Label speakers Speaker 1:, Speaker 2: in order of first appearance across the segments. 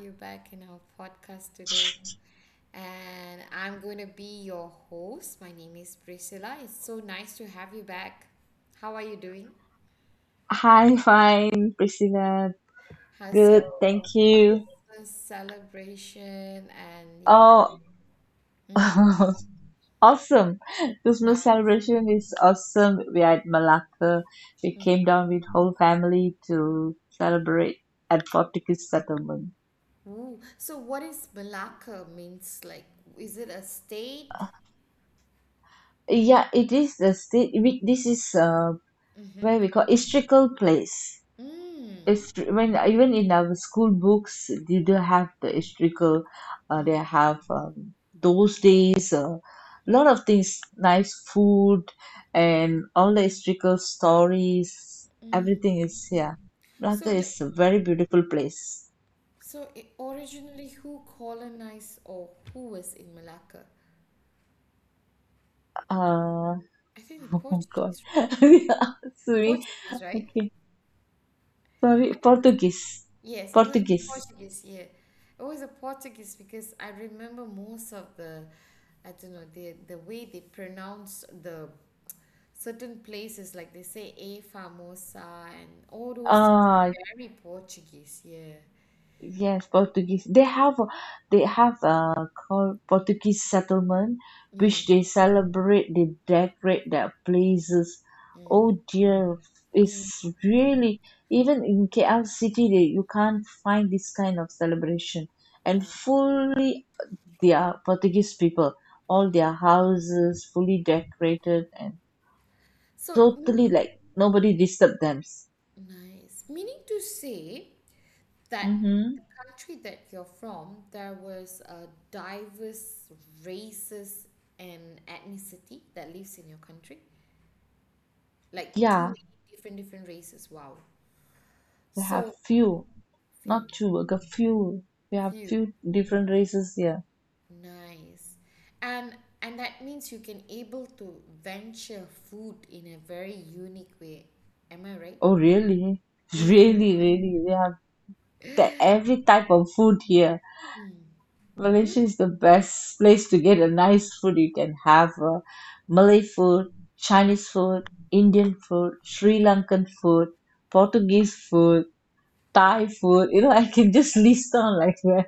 Speaker 1: You back in our podcast today. And I'm going to be your host. My name is Priscilla. It's so nice to have you back. How are you doing?
Speaker 2: hi, fine, Priscilla.
Speaker 1: How's
Speaker 2: Good,
Speaker 1: your
Speaker 2: thank you.
Speaker 1: Christmas celebration and your?
Speaker 2: Oh,
Speaker 1: Mm,
Speaker 2: awesome. Christmas
Speaker 1: nice.
Speaker 2: celebration is awesome. We are at Malacca. We came down with whole family to celebrate at Portuguese settlement.
Speaker 1: Ooh. So, what is Malacca means? Like, is it a state?
Speaker 2: Yeah, it is the state. This is
Speaker 1: Mm-hmm.
Speaker 2: where we call historical place.
Speaker 1: Mm.
Speaker 2: History, when even in our school books, they do have the historical.
Speaker 1: Mm.
Speaker 2: They have those days a lot of things, nice food, and all the historical stories. Everything is here.
Speaker 1: So,
Speaker 2: Malacca
Speaker 1: like,
Speaker 2: is a very beautiful place.
Speaker 1: Originally, who colonized or who was in Malacca?
Speaker 2: Uh,
Speaker 1: I think the
Speaker 2: oh God,
Speaker 1: Portuguese, right?
Speaker 2: yeah, sorry.
Speaker 1: Portuguese, right?
Speaker 2: Okay, sorry. Portuguese,
Speaker 1: Yes, it was the
Speaker 2: Portuguese.
Speaker 1: Portuguese, yeah. It was the Portuguese because I remember most of the, I don't know, the way they pronounce the certain places, like they say A Famosa and all those things
Speaker 2: ah.
Speaker 1: are very Portuguese, yeah.
Speaker 2: Yes, Portuguese. They have a called Portuguese settlement, which they celebrate. They decorate their places. Oh dear, it's really even in KL city you can't find this kind of celebration. And
Speaker 1: Wow.
Speaker 2: fully, they are Portuguese people. All their houses fully decorated and
Speaker 1: So, meaning,
Speaker 2: totally like nobody disturbed them.
Speaker 1: nice. Meaning to say, that
Speaker 2: Mm-hmm.
Speaker 1: the country that you're from, there was a diverse races and ethnicity that lives in your country. Like too
Speaker 2: Yeah,
Speaker 1: many different races. Wow.
Speaker 2: they have
Speaker 1: So
Speaker 2: few.
Speaker 1: few,
Speaker 2: Not two, like a few. We have
Speaker 1: few,
Speaker 2: few different races here.
Speaker 1: nice. And and that means you can able to venture food in a very unique way. Am I right?
Speaker 2: Oh, really?
Speaker 1: Mm.
Speaker 2: Really, really. We have every type of food here.
Speaker 1: Mm. Mm.
Speaker 2: Malaysia is the best place to get a nice food. You can have
Speaker 1: Mm.
Speaker 2: Malay food,
Speaker 1: Mm.
Speaker 2: Chinese food, Indian food, Sri Lankan food, Portuguese food, Thai
Speaker 1: Wow.
Speaker 2: food. I can just list down like that.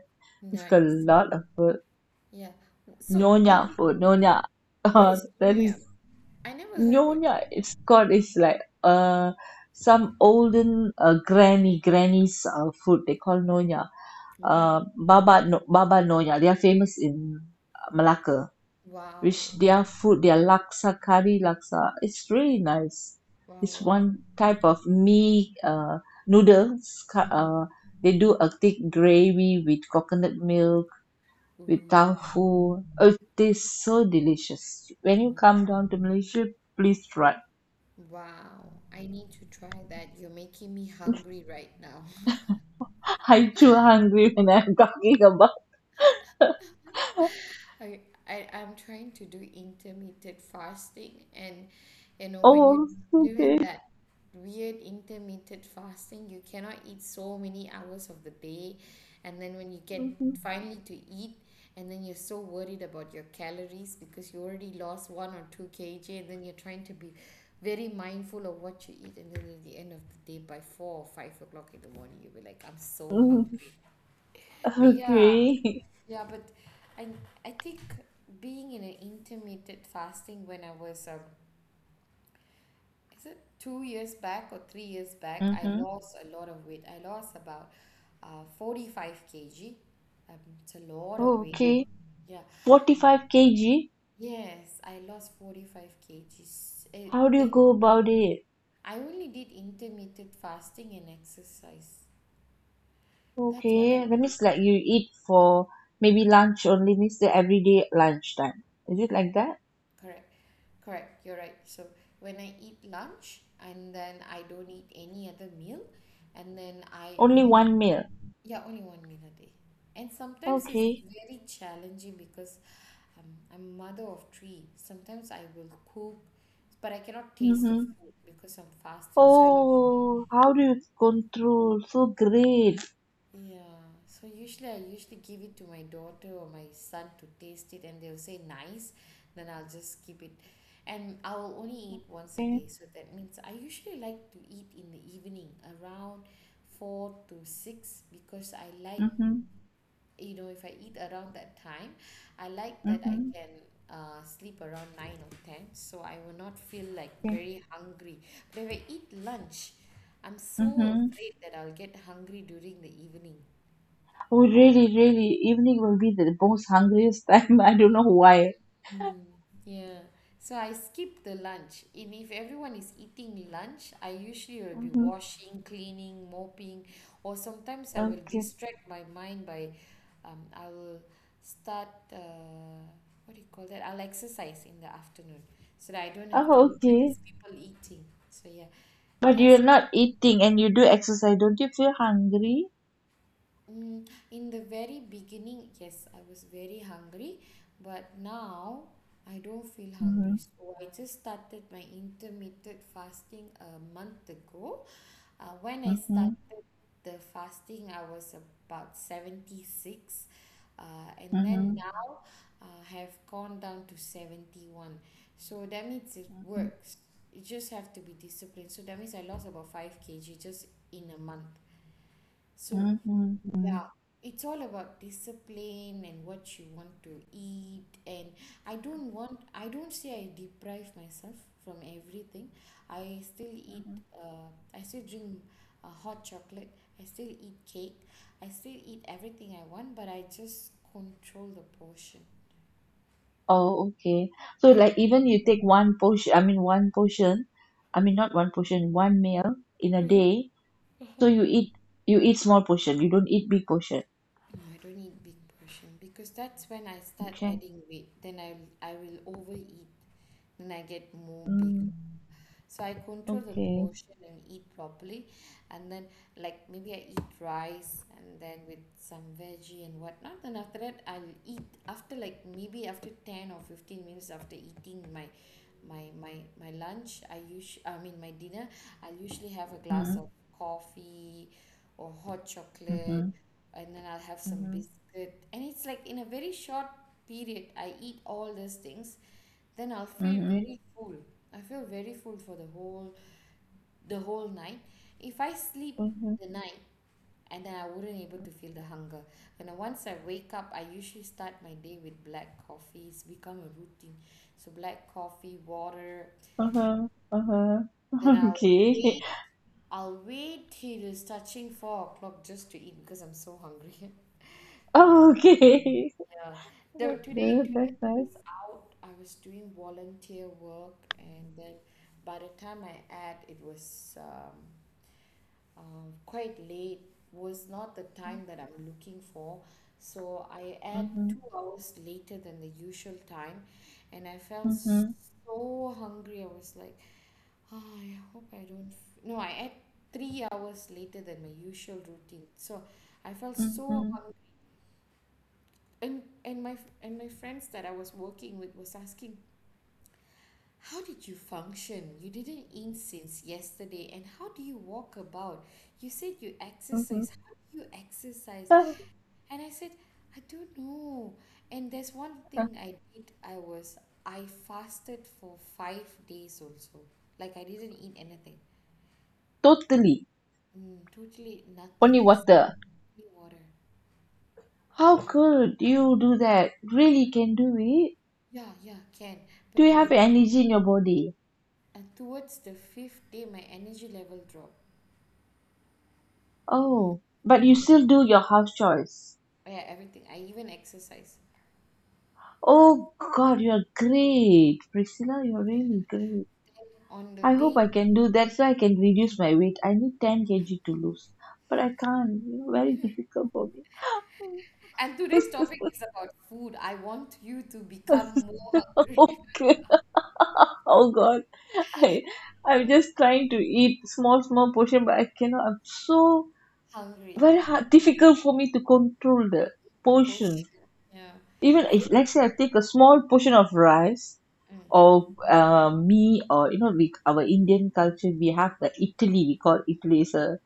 Speaker 2: It's got a
Speaker 1: Nice.
Speaker 2: lot of food.
Speaker 1: Yeah. So are
Speaker 2: Nyonya
Speaker 1: you,
Speaker 2: food, Nyonya.
Speaker 1: what
Speaker 2: Oh,
Speaker 1: is
Speaker 2: that
Speaker 1: new?
Speaker 2: is
Speaker 1: I never heard about.
Speaker 2: Nyonya, it's called. It's like some olden granny's food they call Nyonya.
Speaker 1: Wow.
Speaker 2: Baba no, Baba Nyonya, they are famous in Malacca, which
Speaker 1: Wow.
Speaker 2: their food, their laksa, curry laksa, it's really nice.
Speaker 1: Wow,
Speaker 2: It's
Speaker 1: wow.
Speaker 2: one type of mee, noodles. cu-
Speaker 1: Mm-hmm.
Speaker 2: Uh, they do a thick gravy with coconut milk with
Speaker 1: Ooh.
Speaker 2: tofu. Oh, it tastes so delicious. When you
Speaker 1: mm,
Speaker 2: come down to Malaysia, please try.
Speaker 1: Wow. I need to try that. You're making me hungry right now.
Speaker 2: I'm too hungry when I'm talking about.
Speaker 1: I, I'm trying to do intermittent fasting. And you know when you're
Speaker 2: Oh,
Speaker 1: doing
Speaker 2: okay.
Speaker 1: that weird intermittent fasting, you cannot eat so many hours of the day, and then when you get
Speaker 2: Mhm.
Speaker 1: finally to eat, and then you're so worried about your calories because you already lost 1 or 2 kg, and then you're trying to be very mindful of what you eat. And then at the end of the day, by 4 or 5 o'clock in the morning, you'll be like, I'm so hungry.
Speaker 2: Mhm.
Speaker 1: But yeah,
Speaker 2: Okay.
Speaker 1: yeah, but I I think being in an intermittent fasting, when I was is it 2 years back or 3 years back, I
Speaker 2: Mm-hmm.
Speaker 1: lost a lot of weight. I lost about 45 kg. Um, it's a lot of weight.
Speaker 2: Okay.
Speaker 1: Yeah.
Speaker 2: 45 kg.
Speaker 1: Yes, I lost 45 kgs.
Speaker 2: How do you go about it?
Speaker 1: I only did intermittent fasting and exercise. That's what I.
Speaker 2: Okay. That means like you eat for maybe lunch only, means the everyday lunchtime. Is it like that?
Speaker 1: Correct, correct, you're right. So when I eat lunch, and then I don't eat any other meal, and then I
Speaker 2: Only
Speaker 1: only,
Speaker 2: one meal.
Speaker 1: yeah, only one meal a day. And sometimes it's
Speaker 2: Okay.
Speaker 1: very challenging because um, I'm mother of three. Sometimes I will cook, but I cannot taste the
Speaker 2: Mm-hmm.
Speaker 1: food because I'm fasting. So I
Speaker 2: Oh, how do you control? So great.
Speaker 1: yeah, so usually I usually give it to my daughter or my son to taste it, and they'll say nice, then I'll just keep it. And I'll only eat once a
Speaker 2: Okay.
Speaker 1: day, so that means I usually like to eat in the evening around 4 to 6 because I like,
Speaker 2: Mm-hmm.
Speaker 1: if I eat around that time, I like that I
Speaker 2: Mm-hmm.
Speaker 1: can sleep around 9 or 10, so I will not feel like
Speaker 2: Okay.
Speaker 1: very hungry. But if I eat lunch, I'm so
Speaker 2: Mm-hmm.
Speaker 1: afraid that I'll get hungry during the evening.
Speaker 2: Oh, really, really, evening will be the most hungriest time. I don't know why.
Speaker 1: Mm, yeah. So I skip the lunch. And if everyone is eating lunch, I usually will be
Speaker 2: Hmm.
Speaker 1: washing, cleaning, mopping, or sometimes I will
Speaker 2: Okay.
Speaker 1: distract my mind by, I will start, what do you call that? I'll exercise in the afternoon so that I don't have to
Speaker 2: Oh,
Speaker 1: look at
Speaker 2: okay.
Speaker 1: these people eating. So yeah,
Speaker 2: But
Speaker 1: yeah.
Speaker 2: you're
Speaker 1: So,
Speaker 2: not eating and you do exercise. Don't you feel hungry?
Speaker 1: Mm, in the very beginning, yes, I was very hungry, but now I don't feel
Speaker 2: Mm-hmm.
Speaker 1: hungry. So I just started my intermittent fasting a month ago. When I
Speaker 2: Mm-hmm.
Speaker 1: started the fasting, I was about 76, uh, and then
Speaker 2: Mm-hmm.
Speaker 1: now uh, have gone down to 71. So that means it works. You just have to be disciplined. So that means I lost about 5 kg just in a month. So
Speaker 2: Mm-hmm.
Speaker 1: yeah, it's all about discipline and what you want to eat. And I don't want, I don't say I deprive myself from everything. I still eat,
Speaker 2: Mm-hmm.
Speaker 1: uh, I still drink hot chocolate. I still eat cake. I still eat everything I want, but I just control the portion.
Speaker 2: Oh, okay. So, like,
Speaker 1: And
Speaker 2: even you take one portion, I mean, one portion, I mean, not one portion, one meal in a day. So you eat small portion. You don't eat big portion.
Speaker 1: no, I don't eat big portion because that's when I start
Speaker 2: Okay.
Speaker 1: adding weight. Then I will overeat. Then I get more big.
Speaker 2: Mm,
Speaker 1: So I control the
Speaker 2: okay.
Speaker 1: portion and eat properly, and then like maybe I eat rice and then with some veggie and whatnot, then after that I'll eat after like maybe after 10 or 15 minutes after eating my my my lunch, I usually, I mean, my dinner, I'll usually have a glass
Speaker 2: Mm-hmm.
Speaker 1: of coffee or hot
Speaker 2: Mm-hmm.
Speaker 1: chocolate, and then I'll have some biscuit, and it's like in a very short period I eat all those things, then I'll feel
Speaker 2: Mhm,
Speaker 1: very full. I feel very full for the whole night. If I sleep
Speaker 2: mhm,
Speaker 1: the night, and then I wouldn't able to feel the hunger. And then once I wake up, I usually start my day with black coffee. It's become a routine. So, black coffee, water.
Speaker 2: uh huh.
Speaker 1: Then I'll
Speaker 2: Okay.
Speaker 1: wait. I'll wait till it's touching 4 o'clock just to eat because I'm so hungry. But yeah.
Speaker 2: Okay.
Speaker 1: Yeah. The
Speaker 2: That's
Speaker 1: today
Speaker 2: good.
Speaker 1: today
Speaker 2: That's
Speaker 1: I
Speaker 2: nice.
Speaker 1: was out, I was doing volunteer work, and then by the time I had it, was quite late, was not the time that I'm looking for. So I had
Speaker 2: Mm-hmm.
Speaker 1: 2 hours later than the usual time, and I felt
Speaker 2: Mm-hmm.
Speaker 1: so hungry. I was like, "Ah, I hope I don't. No, I had 3 hours later than my usual routine." So I felt so
Speaker 2: Mm-hmm.
Speaker 1: hungry. And and my and my friends that I was working with was asking, how did you function? You didn't eat since yesterday. And how do you walk about? You said you
Speaker 2: Mm-hmm.
Speaker 1: exercise. How do you exercise?
Speaker 2: Uh,
Speaker 1: And I said, I don't know. And there's one
Speaker 2: uh,
Speaker 1: thing I did. I fasted for 5 days also, like I didn't eat anything.
Speaker 2: Totally.
Speaker 1: Totally nothing
Speaker 2: Only
Speaker 1: except
Speaker 2: water.
Speaker 1: only water.
Speaker 2: How
Speaker 1: uh,
Speaker 2: could you do that? Really can do it?
Speaker 1: yeah, yeah, can,
Speaker 2: Do
Speaker 1: but
Speaker 2: you have
Speaker 1: it.
Speaker 2: energy in your body?
Speaker 1: And towards the fifth day, my energy level dropped. Mm.
Speaker 2: Oh, but you still do your house chores.
Speaker 1: Yeah, everything. I even exercise.
Speaker 2: Oh God, you're great. Priscilla, you're really great.
Speaker 1: On the
Speaker 2: I hope
Speaker 1: date,
Speaker 2: I can do that so I can reduce my weight. I need 10 kg to lose, but I can't. You know, very difficult for me.
Speaker 1: and today's topic is about food. I want you to become more hungry.
Speaker 2: Okay. Oh God. I I'm just trying to eat small small portion, but I cannot. I'm so
Speaker 1: Hungry.
Speaker 2: very hard, difficult for me to control the
Speaker 1: The portion.
Speaker 2: portions.
Speaker 1: Yeah.
Speaker 2: Even
Speaker 1: I
Speaker 2: if
Speaker 1: think.
Speaker 2: let's say I take a small portion of rice or me, or our Indian culture, we have the Italy, we call Italy is a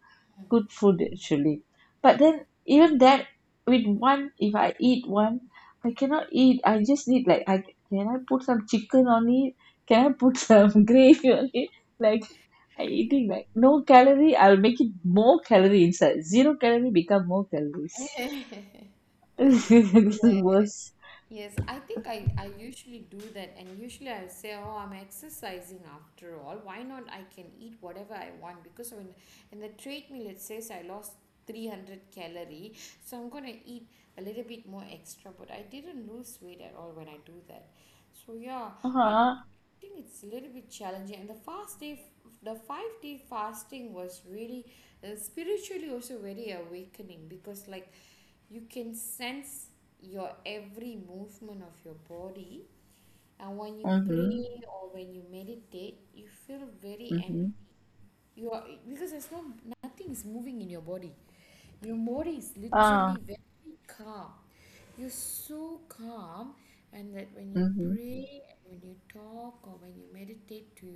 Speaker 2: good food actually, but then even that with one, if I eat one, I cannot eat, I just need like, I can, I put some chicken on it, can I put some gravy on it, like I eating like no calorie, I'll make it more calorie inside, zero calorie become more calories.
Speaker 1: Mm.
Speaker 2: This is
Speaker 1: Yeah,
Speaker 2: worse.
Speaker 1: yes, I think I usually do that, and usually I say, Oh, I'm exercising after all. Why not? I can eat whatever I want because when in the treadmill it says I lost 300 calorie, so I'm gonna eat a little bit more extra. But I didn't lose weight at all when I do that. So yeah, I
Speaker 2: Uh-huh.
Speaker 1: I think it's a little bit challenging, and the fast day, the 5 day fasting was really spiritually also very awakening because like you can sense your every movement of your body, and when you pray
Speaker 2: Mm-hmm.
Speaker 1: or when you meditate, you feel very empty.
Speaker 2: Mm-hmm.
Speaker 1: You are because there's no nothing is moving in your body. Your mood is
Speaker 2: Ah.
Speaker 1: literally very calm. You're so calm, and that when you
Speaker 2: Mm-hmm.
Speaker 1: pray, and when you talk, or when you meditate to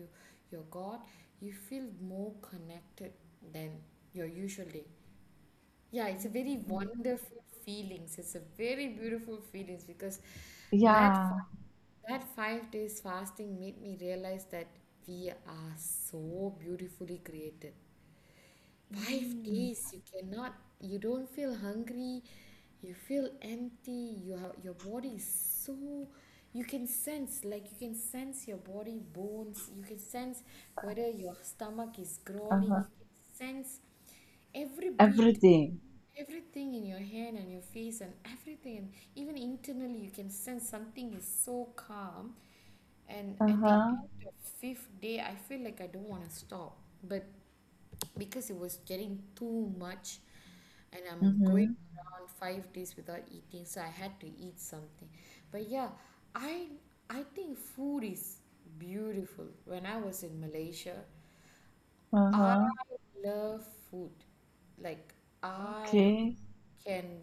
Speaker 1: your God, you feel more connected than your usual day. Yeah, it's a very
Speaker 2: Mm.
Speaker 1: wonderful feelings. It's a very beautiful feelings because that
Speaker 2: Yeah.
Speaker 1: fi- that 5 days fasting made me realize that we are so beautifully created. Five
Speaker 2: Mm.
Speaker 1: days, you cannot, you don't feel hungry, you feel empty. Your body is so, you can sense, like you can sense your body bones, you can sense whether your stomach is growling,
Speaker 2: Uh-huh.
Speaker 1: you can sense every beat,
Speaker 2: Everything.
Speaker 1: everything in your hand and your face and everything, and even internally you can sense something is so calm. And at the
Speaker 2: Uh-huh.
Speaker 1: end of fifth day, I feel like I don't want to stop, but because it was getting too much and I'm going
Speaker 2: Mm-hmm.
Speaker 1: around 5 days without eating, so I had to eat something. But yeah, I I think food is beautiful. When I was in Malaysia, I
Speaker 2: Uh-huh.
Speaker 1: love food. Like I
Speaker 2: Okay.
Speaker 1: can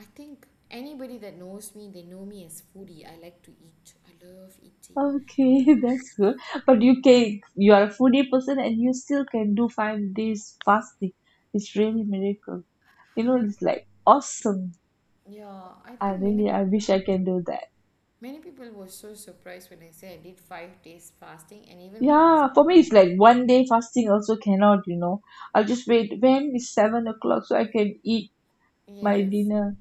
Speaker 1: I think anybody that knows me, they know me as foodie. I like to eat. I love eating.
Speaker 2: Okay, that's good. But you are a foodie person and you still can do 5 days fasting. It's really miracle. It's like awesome.
Speaker 1: Yeah, I
Speaker 2: I
Speaker 1: think many
Speaker 2: really I
Speaker 1: people
Speaker 2: wish I can do that.
Speaker 1: many people were so surprised when I said I did 5 days fasting, and even my
Speaker 2: Yeah,
Speaker 1: husband.
Speaker 2: for me it's like one day fasting also cannot. I'll just wait when it's 7 o'clock so I can eat my
Speaker 1: Yes.
Speaker 2: dinner.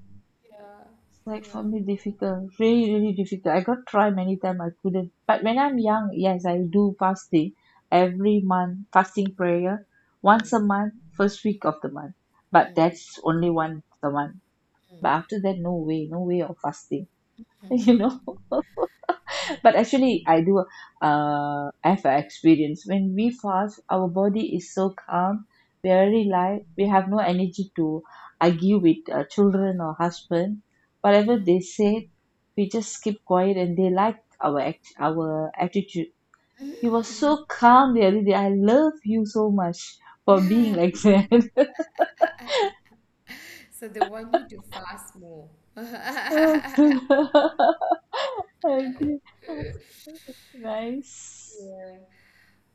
Speaker 1: Yeah.
Speaker 2: Like
Speaker 1: Yeah.
Speaker 2: for me difficult, really really difficult. I got try many time, I couldn't. But when I'm young, yes, I do fasting every month, fasting prayer, once
Speaker 1: Mm,
Speaker 2: a month, first week of the month, but
Speaker 1: mm,
Speaker 2: that's only once a month. But after that, no way, no way of fasting.
Speaker 1: mm.
Speaker 2: you know but actually I do have a experience, when we fast our body is so calm, we are very light, we have no energy to argue with children or husband,
Speaker 1: Yeah,
Speaker 2: whatever they say we just keep quiet, and they liked our attitude, he was so calm the other day, I love you so much for being
Speaker 1: yeah.
Speaker 2: like that.
Speaker 1: So they want you to fast more.
Speaker 2: I agree. Nice.
Speaker 1: Yeah.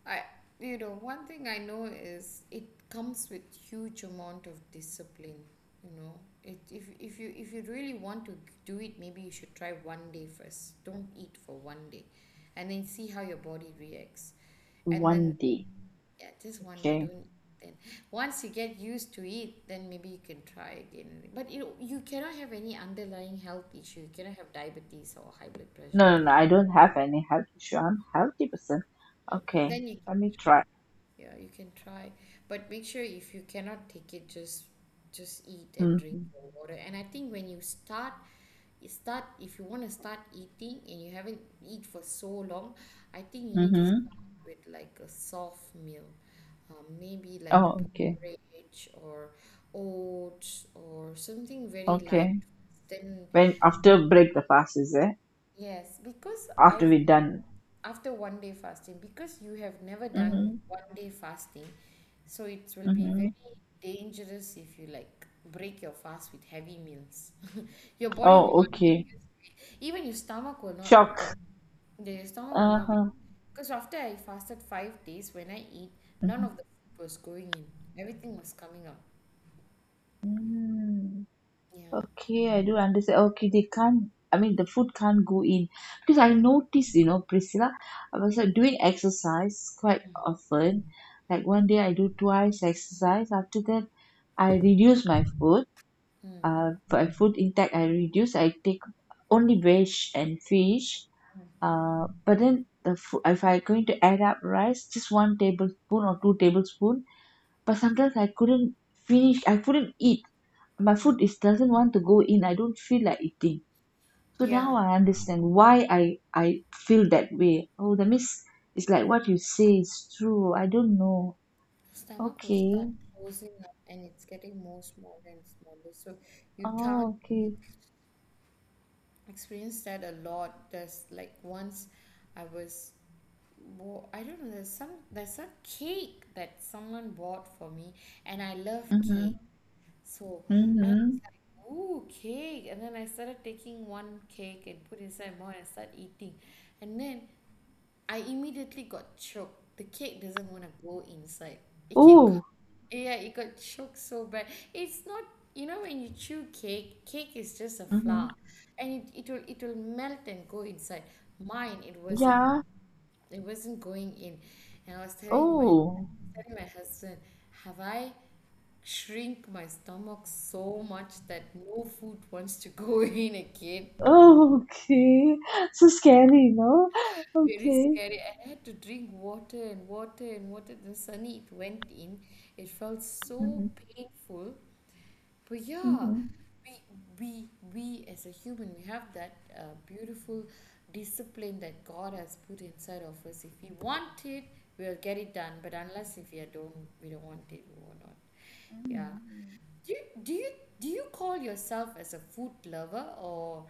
Speaker 1: I, one thing I know is it comes with huge amount of discipline. You know, it if you really want to do it, maybe you should try one day first. Don't eat for one day, and then see how your body reacts, and
Speaker 2: One
Speaker 1: then
Speaker 2: day.
Speaker 1: yeah, just one day,
Speaker 2: Okay.
Speaker 1: don't, then once you get used to it, then maybe you can try again. But you know, you cannot have any underlying health issue. You cannot have diabetes or high blood pressure.
Speaker 2: No, no, no, I don't have any health issue. I'm healthy person. Okay,
Speaker 1: Then you,
Speaker 2: let me try.
Speaker 1: yeah, you can try. But make sure if you cannot take it, just eat and drink
Speaker 2: Mm-hmm.
Speaker 1: your water. And I think when you start if you want to start eating and you haven't eat for so long, I think you need to
Speaker 2: Mm-hmm.
Speaker 1: start with like a soft meal, maybe like
Speaker 2: Oh, okay.
Speaker 1: porridge or oats or something very light,
Speaker 2: Okay.
Speaker 1: then
Speaker 2: When after break the fast is it?
Speaker 1: yes, because I
Speaker 2: After we
Speaker 1: feel
Speaker 2: done.
Speaker 1: after 1 day fasting, because you have never done
Speaker 2: Mm-hmm.
Speaker 1: 1 day fasting, so it will be
Speaker 2: Mm-hmm.
Speaker 1: very dangerous if you like break your fast with heavy meals. Your body will
Speaker 2: Oh,
Speaker 1: not,
Speaker 2: okay.
Speaker 1: even your stomach will not open.
Speaker 2: Shock.
Speaker 1: The stomach will not be.
Speaker 2: Uh-huh.
Speaker 1: Because after I fasted 5 days, when I eat, none
Speaker 2: Mm-hmm.
Speaker 1: of the food was going in. Everything was coming out.
Speaker 2: Mm.
Speaker 1: Yeah.
Speaker 2: Okay, I do understand. Okay, they can't, I mean, the food can't go in. Because I
Speaker 1: Cannot.
Speaker 2: noticed, you know, Priscilla, I was doing exercise quite often. Like one day I do twice exercise. After that, I reduce my food.
Speaker 1: Mm.
Speaker 2: My food intake, I reduce. I take only veg and fish. But then the food, if I going to add up rice, just one tablespoon or two tablespoon, but sometimes I couldn't finish, I couldn't eat, my food is doesn't want to go in, I don't feel like eating. So
Speaker 1: Yeah.
Speaker 2: now I understand why I feel that way. Oh, that means it's like what you say is true. I don't know.
Speaker 1: Stomach will
Speaker 2: Okay.
Speaker 1: start closing up and it's getting more smaller and smaller. So you
Speaker 2: Oh,
Speaker 1: can't
Speaker 2: okay.
Speaker 1: experience that a lot. There's like once I was I don't know. There's a cake that someone bought for me, and I love
Speaker 2: Mm-hmm.
Speaker 1: cake. So, and
Speaker 2: Mm-hmm.
Speaker 1: oh cake, and then I started taking one cake and put inside more and start eating, and then I immediately got choked. The cake doesn't want to go inside. It keep
Speaker 2: Oh.
Speaker 1: yeah, it got choked so bad. It's not, you know, when you chew cake, cake is just a
Speaker 2: Mm-hmm.
Speaker 1: flour and it will melt and go inside. Mine, it wasn't,
Speaker 2: Yeah.
Speaker 1: it wasn't going in. And I was telling my
Speaker 2: Oh.
Speaker 1: husband, have I shrink my stomach so much that no food wants to go in again.
Speaker 2: Oh, okay. So scary. No.
Speaker 1: Very
Speaker 2: Okay.
Speaker 1: scary. I had to drink water and water and water. Then suddenly it went in. It felt so
Speaker 2: Mm-hmm.
Speaker 1: painful. But yeah,
Speaker 2: Mm-hmm,
Speaker 1: we we we as a human, we have that beautiful discipline that God has put inside of us. If we want it, we'll get it done. But unless if we don't, we don't want it, we will not.
Speaker 2: mm-hmm.
Speaker 1: Yeah. Do you, do you do you call yourself as a food lover, or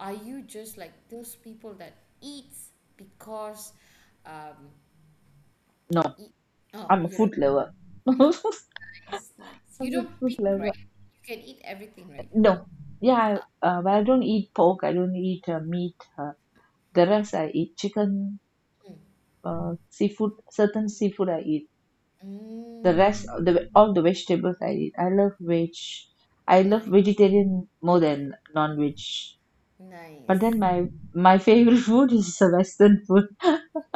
Speaker 1: are you just like those people that eats because um
Speaker 2: No,
Speaker 1: eat. Oh,
Speaker 2: I'm a
Speaker 1: you're a
Speaker 2: food lover.
Speaker 1: food lover. Nice, nice. You don't
Speaker 2: Fruit
Speaker 1: pick,
Speaker 2: lover.
Speaker 1: right? You can eat everything, right?
Speaker 2: No. Yeah, but I don't eat pork. I don't eat meat. The rest I eat chicken, seafood, certain seafood I eat. The rest,
Speaker 1: Mm,
Speaker 2: the all the vegetables I eat. I love veg. I love
Speaker 1: nice,
Speaker 2: vegetarian more than non-veg. But then
Speaker 1: nice.
Speaker 2: my favorite food is a Western food.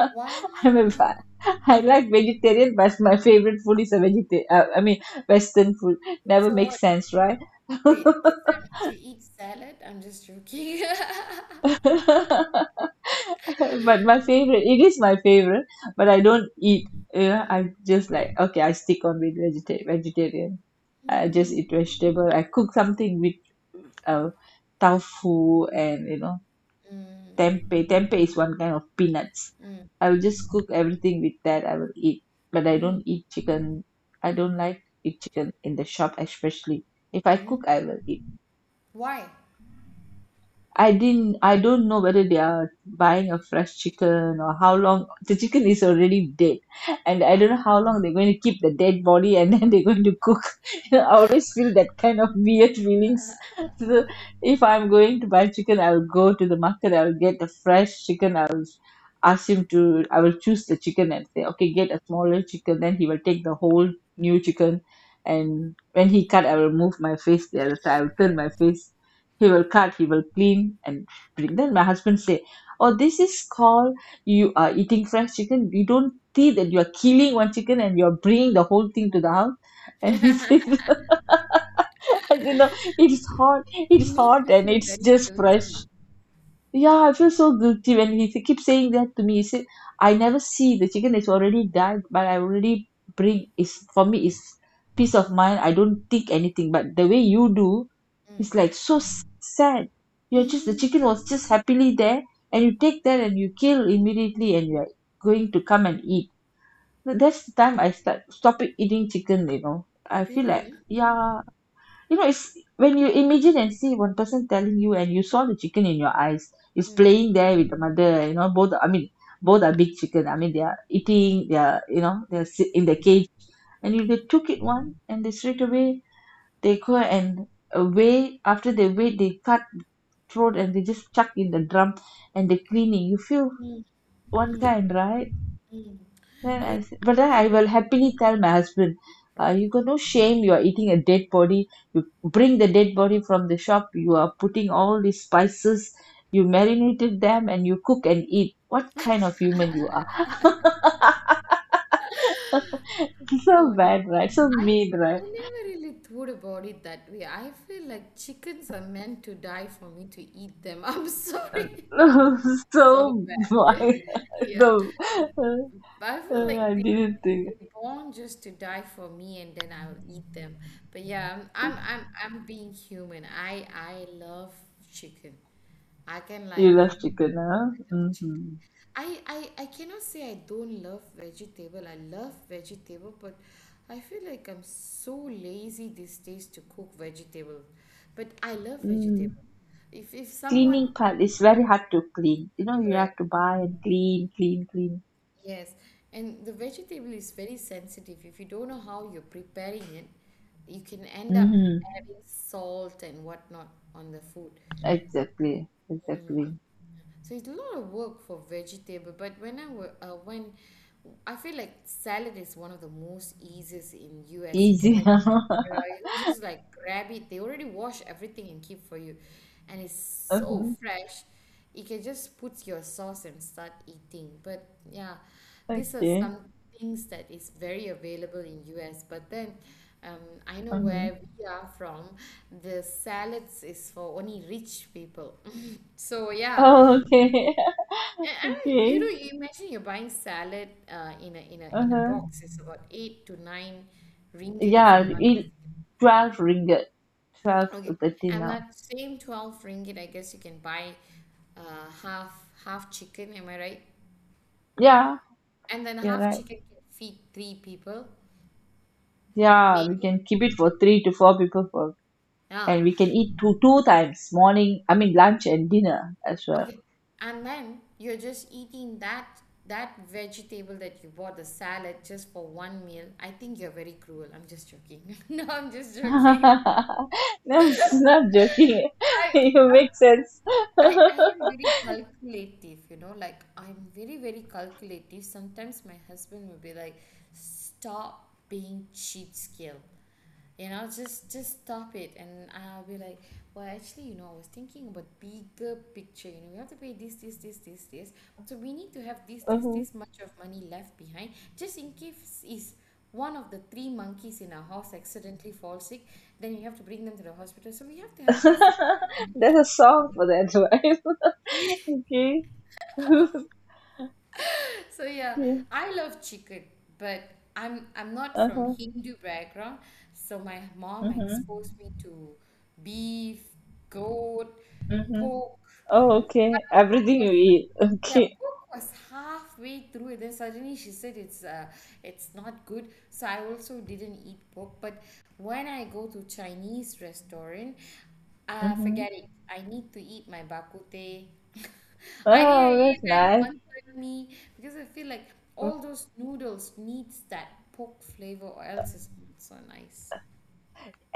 Speaker 2: I'm a,
Speaker 1: Wow,
Speaker 2: fa- I like vegetarian, but my favorite food is a vegetarian. I mean, Western food. Never
Speaker 1: so what,
Speaker 2: makes sense, right?
Speaker 1: wait, does that mean you eat salad? I'm just joking.
Speaker 2: But my favorite it is my favorite, but I
Speaker 1: Mm,
Speaker 2: don't eat,
Speaker 1: mm,
Speaker 2: I'm just like okay, I stick on with vegetarian, I just
Speaker 1: mm,
Speaker 2: eat vegetable. I cook something with uh, tofu and
Speaker 1: mm,
Speaker 2: tempeh is one kind of peanuts,
Speaker 1: mm,
Speaker 2: I will just cook everything with that, I will eat. But I
Speaker 1: mm,
Speaker 2: don't eat chicken, I don't like eat chicken in the shop. Especially if I
Speaker 1: mm.
Speaker 2: cook I will eat.
Speaker 1: Why?
Speaker 2: I don't know whether they are buying a fresh chicken or how long the chicken is already dead, and I don't know how long they're going to keep the dead body and then they're going to cook. I always feel that kind of weird feelings. So if I'm going to buy chicken, I will go to the market, I will get the fresh chicken, I will ask him to I will choose the chicken and say, "Okay, get a smaller chicken," then he will take the whole new chicken, and when he cut I will move my face the other side, I will turn my face, he will cut, he will clean and bring. Then my husband say, "Oh, this is called you are eating fresh chicken. You don't see that you are killing one chicken and you are bringing the whole thing to the house." And he says, "You know, it's hot,
Speaker 1: He
Speaker 2: it's
Speaker 1: made
Speaker 2: hot,
Speaker 1: you
Speaker 2: and
Speaker 1: feel
Speaker 2: it's
Speaker 1: very
Speaker 2: just fresh."
Speaker 1: guilty.
Speaker 2: Yeah, I feel so guilty when he keeps saying that to me. He said, I never see the chicken that's already died, but I already bring, is for me is peace of mind. I don't think anything, but the way you do it's like so sad. You're just, the
Speaker 1: Mm.
Speaker 2: chicken was just happily there, and you take that and you kill immediately, and you're going to come and eat. That's the time I start stopping eating chicken. I feel
Speaker 1: Really,
Speaker 2: like,
Speaker 1: yeah?
Speaker 2: yeah, you know, it's when you imagine and see one person telling you and you saw the chicken in your eyes is
Speaker 1: Mm.
Speaker 2: playing there with the mother, you know, both, both are big chicken, they are eating, they are, you know, they're in the cage, and you, they took it one and they straight away they go and weigh. After they weigh, they cut throat and they just chuck in the drum and they cleaning, you feel
Speaker 1: Mm.
Speaker 2: one
Speaker 1: Mm.
Speaker 2: kind, right?
Speaker 1: Mm.
Speaker 2: Then
Speaker 1: I
Speaker 2: I said, but then
Speaker 1: mean,
Speaker 2: I
Speaker 1: little.
Speaker 2: will happily tell my husband,
Speaker 1: Uh,
Speaker 2: you got no shame. You are eating a dead body. You bring the dead body from the shop. You are putting all these spices. You marinated them and you cook and eat. What kind of human you are?
Speaker 1: oh
Speaker 2: So
Speaker 1: no.
Speaker 2: bad, right? So
Speaker 1: I
Speaker 2: mean,
Speaker 1: I
Speaker 2: right?
Speaker 1: never really thought about it that way. I feel like chickens are meant to die for me to eat them. I'm sorry. So
Speaker 2: So
Speaker 1: bad.
Speaker 2: vile.
Speaker 1: Yeah.
Speaker 2: The-
Speaker 1: But I feel like
Speaker 2: I
Speaker 1: they,
Speaker 2: didn't think
Speaker 1: they born just to die for me, and then I will eat them. But yeah, I'm being human. I love chicken. I can
Speaker 2: you
Speaker 1: like
Speaker 2: love chicken, huh?
Speaker 1: love chicken.
Speaker 2: Hmm.
Speaker 1: I cannot say I don't love vegetable. I love vegetable, but I feel like I'm so lazy these days to cook vegetable. But I love
Speaker 2: Mm.
Speaker 1: vegetable. If someone
Speaker 2: Cleaning part is very hard to clean. You know, you have
Speaker 1: correct.
Speaker 2: to buy and clean, clean, clean.
Speaker 1: Yes, and the vegetable is very sensitive. If you don't know how you're preparing it, you can end up
Speaker 2: Mm-hmm.
Speaker 1: adding salt and whatnot on the food,
Speaker 2: Exactly. Exactly.
Speaker 1: so it's a lot of work for vegetable. But when I were, when I feel like salad is one of the most easiest in US, you can
Speaker 2: Easy.
Speaker 1: like, yeah, you can just like grab it. They already wash everything and keep for you and it's so
Speaker 2: Mhm.
Speaker 1: fresh. You can just put your sauce and start eating. But yeah, these are
Speaker 2: Okay.
Speaker 1: some things that is very available in US. But then um, I know
Speaker 2: Uh-huh.
Speaker 1: where we are from, the salads is for only rich people. So yeah.
Speaker 2: Oh, okay.
Speaker 1: and, and you know,
Speaker 2: Okay.
Speaker 1: you imagine you're buying salad in a in a
Speaker 2: Uh-huh.
Speaker 1: box. It's about 8 to 9 ringgit if
Speaker 2: Yeah,
Speaker 1: I'm not
Speaker 2: it, 12 ringgit. 12 to
Speaker 1: okay.
Speaker 2: 30
Speaker 1: And
Speaker 2: now.
Speaker 1: that same 12 ringgit, I guess you can buy half chicken. Am I right?
Speaker 2: Yeah,
Speaker 1: And then
Speaker 2: you're
Speaker 1: half
Speaker 2: right.
Speaker 1: chicken can feed three people,
Speaker 2: Yeah, we
Speaker 1: maybe.
Speaker 2: can keep it for three to four people for, and
Speaker 1: Ah,
Speaker 2: we can eat two times, morning, lunch and dinner as well.
Speaker 1: okay. And then you're just eating that vegetable that you bought, the salad, just for one meal. I think you're very cruel. I'm just joking. No, I'm just joking.
Speaker 2: No, it's not joking.
Speaker 1: I,
Speaker 2: You
Speaker 1: I
Speaker 2: make sense.
Speaker 1: I am very calculative, you know, like I'm very, very calculative. Sometimes my husband will be like, stop being cheapskate. You know, just stop it. And I'll be like, well, actually, you know, I was thinking about the bigger picture. You know, we have to pay this, this, this, this, this. So we need to have this, this, this much of money left behind, just in case is one of the three monkeys in our house accidentally falls sick, then you have to bring them to the hospital. So we have to have this amount of.
Speaker 2: There's a song for that, right? Okay. Okay.
Speaker 1: So yeah, I love chicken, but I'm not
Speaker 2: Uh
Speaker 1: from
Speaker 2: huh.
Speaker 1: Hindu background, so my mom
Speaker 2: Mhm.
Speaker 1: exposed me to beef, goat,
Speaker 2: Mhm.
Speaker 1: pork.
Speaker 2: Oh, okay.
Speaker 1: Pork
Speaker 2: Everything
Speaker 1: was,
Speaker 2: you eat.
Speaker 1: yeah,
Speaker 2: Okay.
Speaker 1: book was halfway through, and then suddenly she said it's not good. So I also didn't eat pork. But when I go to Chinese restaurant,
Speaker 2: Mhm.
Speaker 1: forget it. I need to eat my bakute. I need to
Speaker 2: Oh,
Speaker 1: eat
Speaker 2: that's
Speaker 1: that
Speaker 2: nice.
Speaker 1: one third me because I feel like
Speaker 2: Mm.
Speaker 1: all those noodles needs that pork flavor, or else it's not so nice.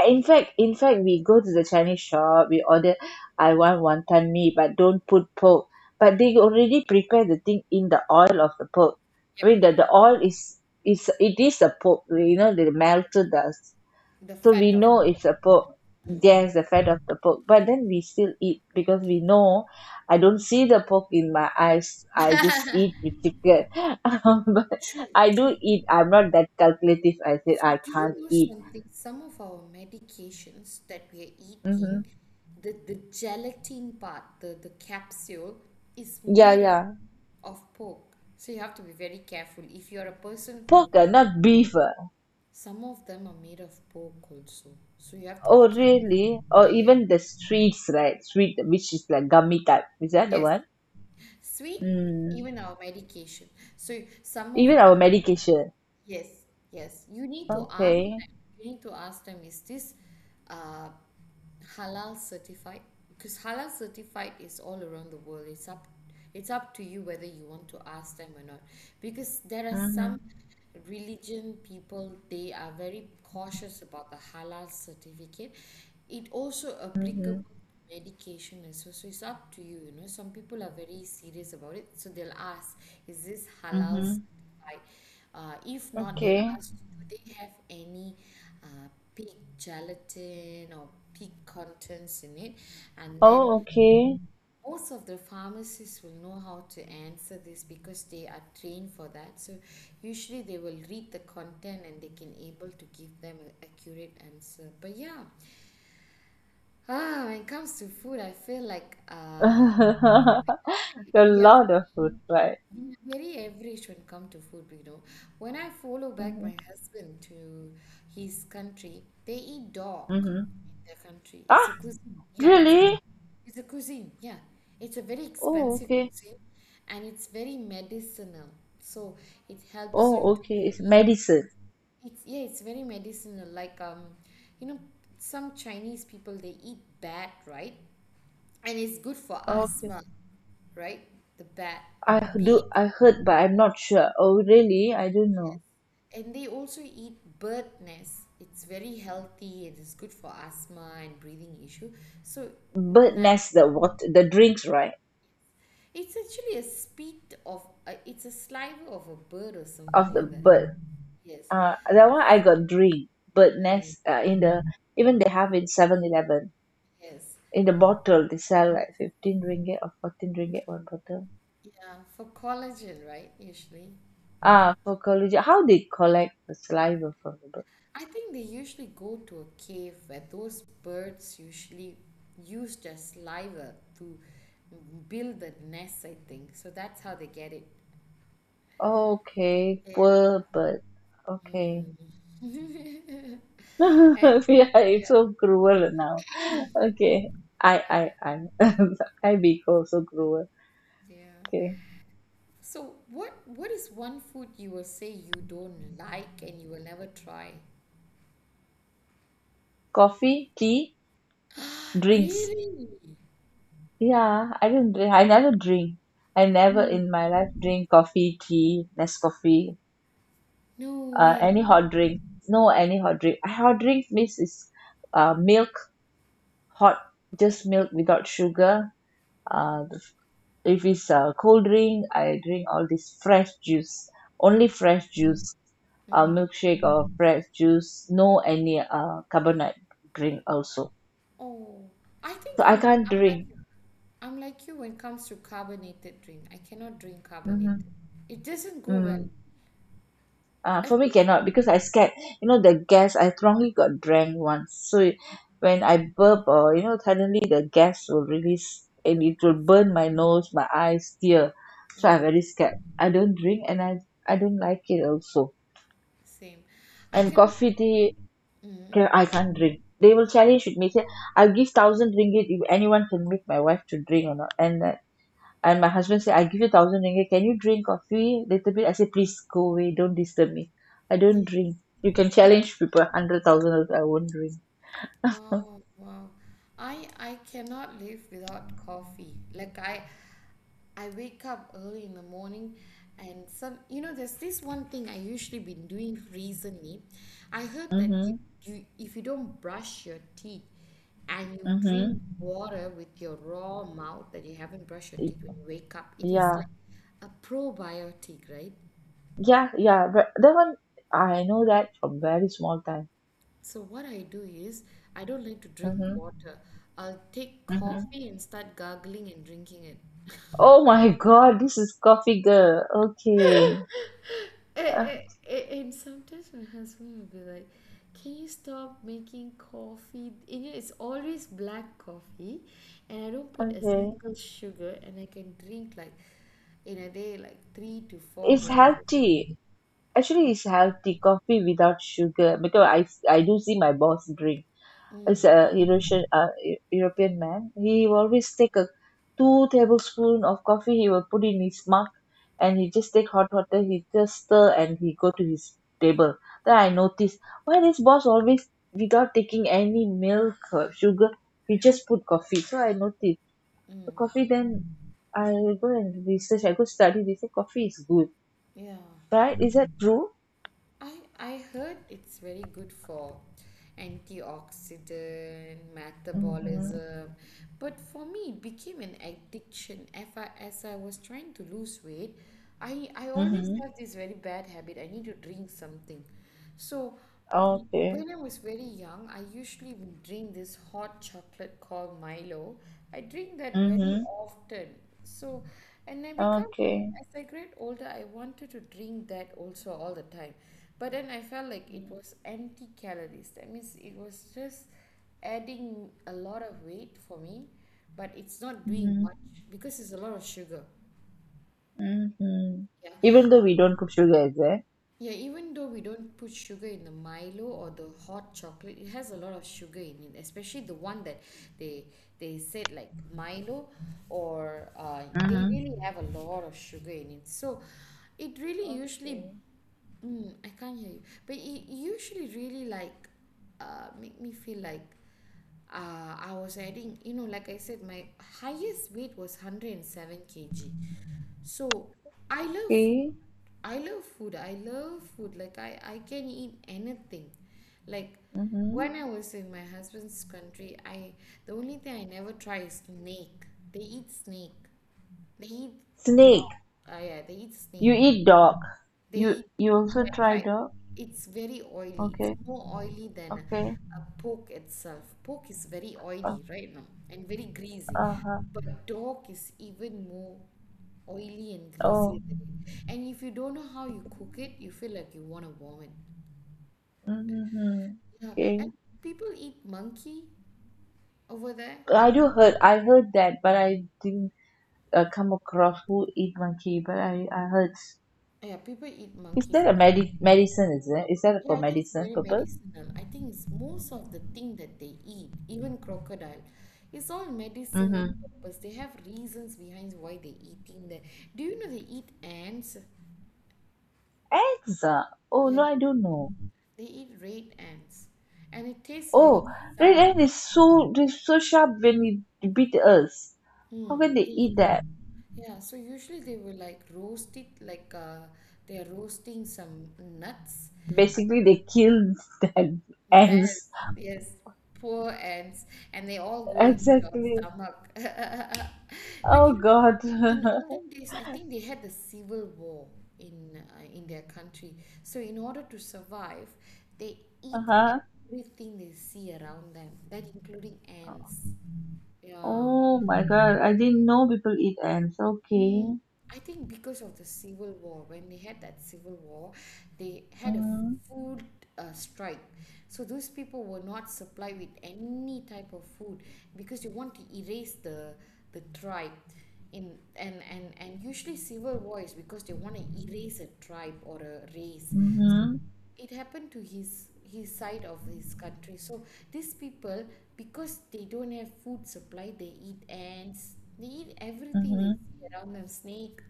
Speaker 2: In fact, we go to the Chinese shop. We order. I want wonton mee, but don't put pork. But they already prepare the thing in the oil of the pork. I
Speaker 1: Yep,
Speaker 2: mean, the oil is the pork. You know, they melted the,
Speaker 1: the
Speaker 2: so
Speaker 1: fat
Speaker 2: we
Speaker 1: of
Speaker 2: know it's a pork, yes, the fat of the pork, but then we still eat because we know I don't see the pork in my eyes, I just eat with chicken. But
Speaker 1: true,
Speaker 2: I
Speaker 1: true.
Speaker 2: do eat, I'm not that calculative. I said
Speaker 1: So,
Speaker 2: I
Speaker 1: do
Speaker 2: can't
Speaker 1: you know
Speaker 2: eat,
Speaker 1: something? Some of our medications that we are
Speaker 2: hmm,
Speaker 1: eating, the gelatin part, the capsule, is
Speaker 2: yeah,
Speaker 1: made out
Speaker 2: yeah,
Speaker 1: of pork. So, you have to be very careful. If you're a person who,
Speaker 2: pork, not beef, uh.
Speaker 1: some of them are made of pork also. So, you have to be
Speaker 2: Oh
Speaker 1: careful.
Speaker 2: really,
Speaker 1: Yeah,
Speaker 2: or
Speaker 1: yeah, yeah.
Speaker 2: even the streets, right? Sweet, which is like gummy type, is that the
Speaker 1: Yes.
Speaker 2: one?
Speaker 1: Sweet,
Speaker 2: Mm.
Speaker 1: even our medication. So, some of,
Speaker 2: Even our medication.
Speaker 1: yes, yes. You need to ask
Speaker 2: Okay.
Speaker 1: them. You need to ask them, is this uh, halal certified? Because halal certified is all around the world. It's up to you whether you want to ask them or not. Because there are some
Speaker 2: Mm-hmm.
Speaker 1: religion people, they are very cautious about the halal certificate. It also applicable
Speaker 2: Mm-hmm.
Speaker 1: to medication as well, so it's up to you. You know, some people are very serious about it, so they'll ask, is this halal,
Speaker 2: Mm-hmm.
Speaker 1: right? If not, they'll
Speaker 2: Okay.
Speaker 1: ask, do they have any uh, pig gelatin or pig contents in it? And then
Speaker 2: Oh, okay.
Speaker 1: most of the pharmacists will know how to answer this because they are trained for that. So usually they will read the content and they can able to give them an accurate answer. But yeah, ah, when it comes to food, I feel like
Speaker 2: A
Speaker 1: we have
Speaker 2: lot of food, right?
Speaker 1: very average when come to food, you know. When I follow back
Speaker 2: Mm-hmm.
Speaker 1: my husband to his country, they eat dog
Speaker 2: Mm-hmm.
Speaker 1: in their country. It's a
Speaker 2: Ah,
Speaker 1: cuisine. Yeah,
Speaker 2: really?
Speaker 1: it's a cuisine. Yeah. It's a very
Speaker 2: Oh,
Speaker 1: expensive
Speaker 2: okay.
Speaker 1: cuisine and it's very medicinal. So it helps you
Speaker 2: Oh,
Speaker 1: to
Speaker 2: okay. It's
Speaker 1: heal.
Speaker 2: medicine.
Speaker 1: It's, yeah, it's very medicinal. Like you know, some Chinese people, they eat bat, right? And it's good for
Speaker 2: Okay.
Speaker 1: asthma, right? The bat.
Speaker 2: I
Speaker 1: B.
Speaker 2: do. I heard, but I'm not sure. Oh, really? I don't know.
Speaker 1: And they also eat bird nests. It's very healthy. It is good for asthma and breathing issue. So
Speaker 2: Bird
Speaker 1: na-
Speaker 2: nest, the what, the drinks, right?
Speaker 1: it's actually a spit of a, it's a saliva of a bird or
Speaker 2: Of
Speaker 1: something
Speaker 2: the
Speaker 1: like that.
Speaker 2: bird.
Speaker 1: Yes.
Speaker 2: That one I got drink. Bird
Speaker 1: Mm,
Speaker 2: nest. In the, even they have in 7-Eleven,
Speaker 1: yes.
Speaker 2: in the bottle they sell
Speaker 1: Yes.
Speaker 2: like 15 ringgit or 14 ringgit one bottle.
Speaker 1: Yeah, for collagen, right? Usually.
Speaker 2: Ah, for collagen. How they collect the saliva from the bird?
Speaker 1: I think they usually go to a cave where those birds usually use their saliva to build the nest, I think. So that's how they get it.
Speaker 2: Okay, poor bird. Okay.
Speaker 1: And
Speaker 2: Yeah, it's
Speaker 1: yeah,
Speaker 2: so cruel now. Okay.
Speaker 1: yeah,
Speaker 2: I. I be also cruel.
Speaker 1: yeah.
Speaker 2: Okay.
Speaker 1: So what is one food you will say you don't like and you will never try?
Speaker 2: Coffee, tea, drinks.
Speaker 1: Really?
Speaker 2: Yeah, I didn't drink. I never drink. I never
Speaker 1: No,
Speaker 2: in my life drink coffee, tea, Nescoffee,
Speaker 1: no
Speaker 2: any
Speaker 1: way.
Speaker 2: hot drink. No, any hot drink. Hot drink means is milk, hot, just milk without sugar, uh. If it's a cold drink, I drink all this fresh juice, only
Speaker 1: Mm,
Speaker 2: fresh juice,
Speaker 1: mm.
Speaker 2: milkshake or fresh juice, no any carbonate drink also,
Speaker 1: Oh, I think
Speaker 2: so I
Speaker 1: I'm
Speaker 2: can't
Speaker 1: I'm like
Speaker 2: drink.
Speaker 1: you. I'm like you when it comes to carbonated drink. I cannot drink carbonated.
Speaker 2: Mm-hmm.
Speaker 1: It doesn't go well.
Speaker 2: Mm. Uh,
Speaker 1: I
Speaker 2: for me
Speaker 1: feel,
Speaker 2: cannot because I scared, you know, the gas. I strongly got drank once, so when I burp or you know suddenly the gas will release and it will
Speaker 1: yes.
Speaker 2: burn my nose, my eyes tear, so I'm
Speaker 1: Uh,
Speaker 2: very scared, I don't drink, and I don't like it also.
Speaker 1: Same. I
Speaker 2: And
Speaker 1: cannot.
Speaker 2: coffee, tea,
Speaker 1: Mm.
Speaker 2: I can't drink. They will
Speaker 1: What?
Speaker 2: challenge with me. Say, I'll give 1,000 ringgit if anyone can make my wife to drink or not. And my husband say, I give you 1,000 ringgit. Can you drink coffee little bit? I say, please go away. Don't disturb me. I don't
Speaker 1: Yeah.
Speaker 2: drink. You can challenge people 100,000 also, I won't drink.
Speaker 1: Wow, wow. I cannot live without coffee. Like I wake up early in the morning, and some, you know, there's this one thing I usually been doing recently. I heard that
Speaker 2: Mhm.
Speaker 1: if you don't brush your teeth and you drink
Speaker 2: Mhm.
Speaker 1: water with your raw mouth that you haven't brushed your
Speaker 2: Y-
Speaker 1: teeth when you wake up, it is
Speaker 2: Yeah.
Speaker 1: like a probiotic, right?
Speaker 2: Yeah. Yeah. But that one, I know that from very small time.
Speaker 1: So what I do is I don't like to drink
Speaker 2: Mhm.
Speaker 1: water. I'll take
Speaker 2: Mhm.
Speaker 1: coffee and start gargling and drinking it.
Speaker 2: Oh my God! This is coffee girl. Okay.
Speaker 1: A-
Speaker 2: Uh,
Speaker 1: a- And sometimes my husband will be like, can you stop making coffee? And, you know, it's always black coffee, and I don't put a
Speaker 2: okay.
Speaker 1: single sugar, and I can drink like in a day, like three to four
Speaker 2: It's
Speaker 1: glasses.
Speaker 2: healthy. Actually, it's healthy coffee without sugar because I do see my boss drink. It's a Eurasian European man. He will always take a two tablespoon of coffee. He will put in his mug, and he just take hot water. He just stir and he go to his table. Then I notice, why this boss always without taking any milk or sugar. He just put coffee. So I noticed the coffee. Then I go and research. I go study. They say coffee is good,
Speaker 1: Yeah.
Speaker 2: right? Is that true?
Speaker 1: I I heard it's very good for antioxidant,
Speaker 2: Mm-hmm.
Speaker 1: metabolism, but for me it became an addiction. If I, as I was trying to lose weight, I always
Speaker 2: Mhm.
Speaker 1: have this very bad habit. I need to drink something. So, mm,
Speaker 2: Okay.
Speaker 1: when I was very young, I usually would drink this hot chocolate called Milo. I drink that very
Speaker 2: Mhm.
Speaker 1: often. So, and I become,
Speaker 2: Okay.
Speaker 1: as I get older, I wanted to drink that also all the time. But then I felt like it was empty calories. That means it was just adding a lot of weight for me, but it's not doing
Speaker 2: Mhm.
Speaker 1: much because it's a lot of sugar.
Speaker 2: Mhm.
Speaker 1: Yeah.
Speaker 2: Even though we don't put sugar, is there?
Speaker 1: Yeah, even though we don't put sugar in the Milo or the hot chocolate, it has a lot of sugar in it, especially the one that they they said, like, Milo, or they
Speaker 2: Mhm.
Speaker 1: really have a lot of sugar in it. So it really usually.
Speaker 2: Okay.
Speaker 1: Mm, I can't hear you. But it usually really, like, make me feel like I was adding, like I said, my highest weight was 107 kg. So I love food.
Speaker 2: Okay.
Speaker 1: I love food. I love food. Like I can eat anything. Like
Speaker 2: Mhm.
Speaker 1: when I was in my husband's country, I the only thing I never try is snake. They eat snake. They eat dog.
Speaker 2: Snake.
Speaker 1: Oh yeah, they eat
Speaker 2: You
Speaker 1: snake.
Speaker 2: eat dog. You
Speaker 1: They
Speaker 2: you also
Speaker 1: Yeah,
Speaker 2: try
Speaker 1: right.
Speaker 2: dog.
Speaker 1: It's very oily. It's
Speaker 2: Okay.
Speaker 1: more oily than
Speaker 2: Okay.
Speaker 1: a pork itself. Pork is very oily right now and very greasy.
Speaker 2: Uh huh.
Speaker 1: But dog is even more oily and
Speaker 2: Oh.
Speaker 1: greasy than it. And if you don't know how you cook it, you feel like you want to vomit.
Speaker 2: Mhm.
Speaker 1: Yeah,
Speaker 2: Okay.
Speaker 1: and people eat monkey over there.
Speaker 2: I do heard. I heard that, but I didn't, come across who eat monkey. But I heard.
Speaker 1: Yeah, people eat
Speaker 2: Is
Speaker 1: monkeys.
Speaker 2: that a medicine? Is it? Is that for
Speaker 1: Yeah, I think it's
Speaker 2: medicine
Speaker 1: very
Speaker 2: purpose?
Speaker 1: medicinal. I think it's most of the thing that they eat, even crocodile, it's all medicinal
Speaker 2: Mm-hmm.
Speaker 1: purpose. They have reasons behind why they're eating that. Do you know they eat ants?
Speaker 2: Eggs, ah, oh
Speaker 1: Yeah,
Speaker 2: no,
Speaker 1: they,
Speaker 2: I don't know.
Speaker 1: they eat red ants, and it tastes
Speaker 2: Oh,
Speaker 1: very
Speaker 2: red
Speaker 1: sour.
Speaker 2: ant is, so they so sharp when it bit us,
Speaker 1: Hmm,
Speaker 2: how can they
Speaker 1: they eat
Speaker 2: eat
Speaker 1: them.
Speaker 2: that?
Speaker 1: Yeah, so usually they will, like, roast it, like, they are roasting some nuts.
Speaker 2: Basically they killed the
Speaker 1: Yes,
Speaker 2: ants,
Speaker 1: yes, poor ants, and they all go into your
Speaker 2: exactly.
Speaker 1: stomach. But
Speaker 2: Oh god.
Speaker 1: in
Speaker 2: Uh-huh.
Speaker 1: olden days, I think they had the civil war in their country. So in order to survive, they eat everything they see around them, that including ants. Yeah.
Speaker 2: Oh my god, I didn't know people eat ants. Okay.
Speaker 1: Mm, I think because of the civil war, when they had that civil war, they had a
Speaker 2: Mm-hmm.
Speaker 1: food strike. So those people were not supplied with any type of food because you want to erase the tribe. In and usually civil war is because they want to erase a tribe or a race. So
Speaker 2: Mm-hmm.
Speaker 1: it happened to his side of his country. So these people, because they don't have food supply, they eat ants, they eat everything they
Speaker 2: Mm-hmm.
Speaker 1: see around them, snake.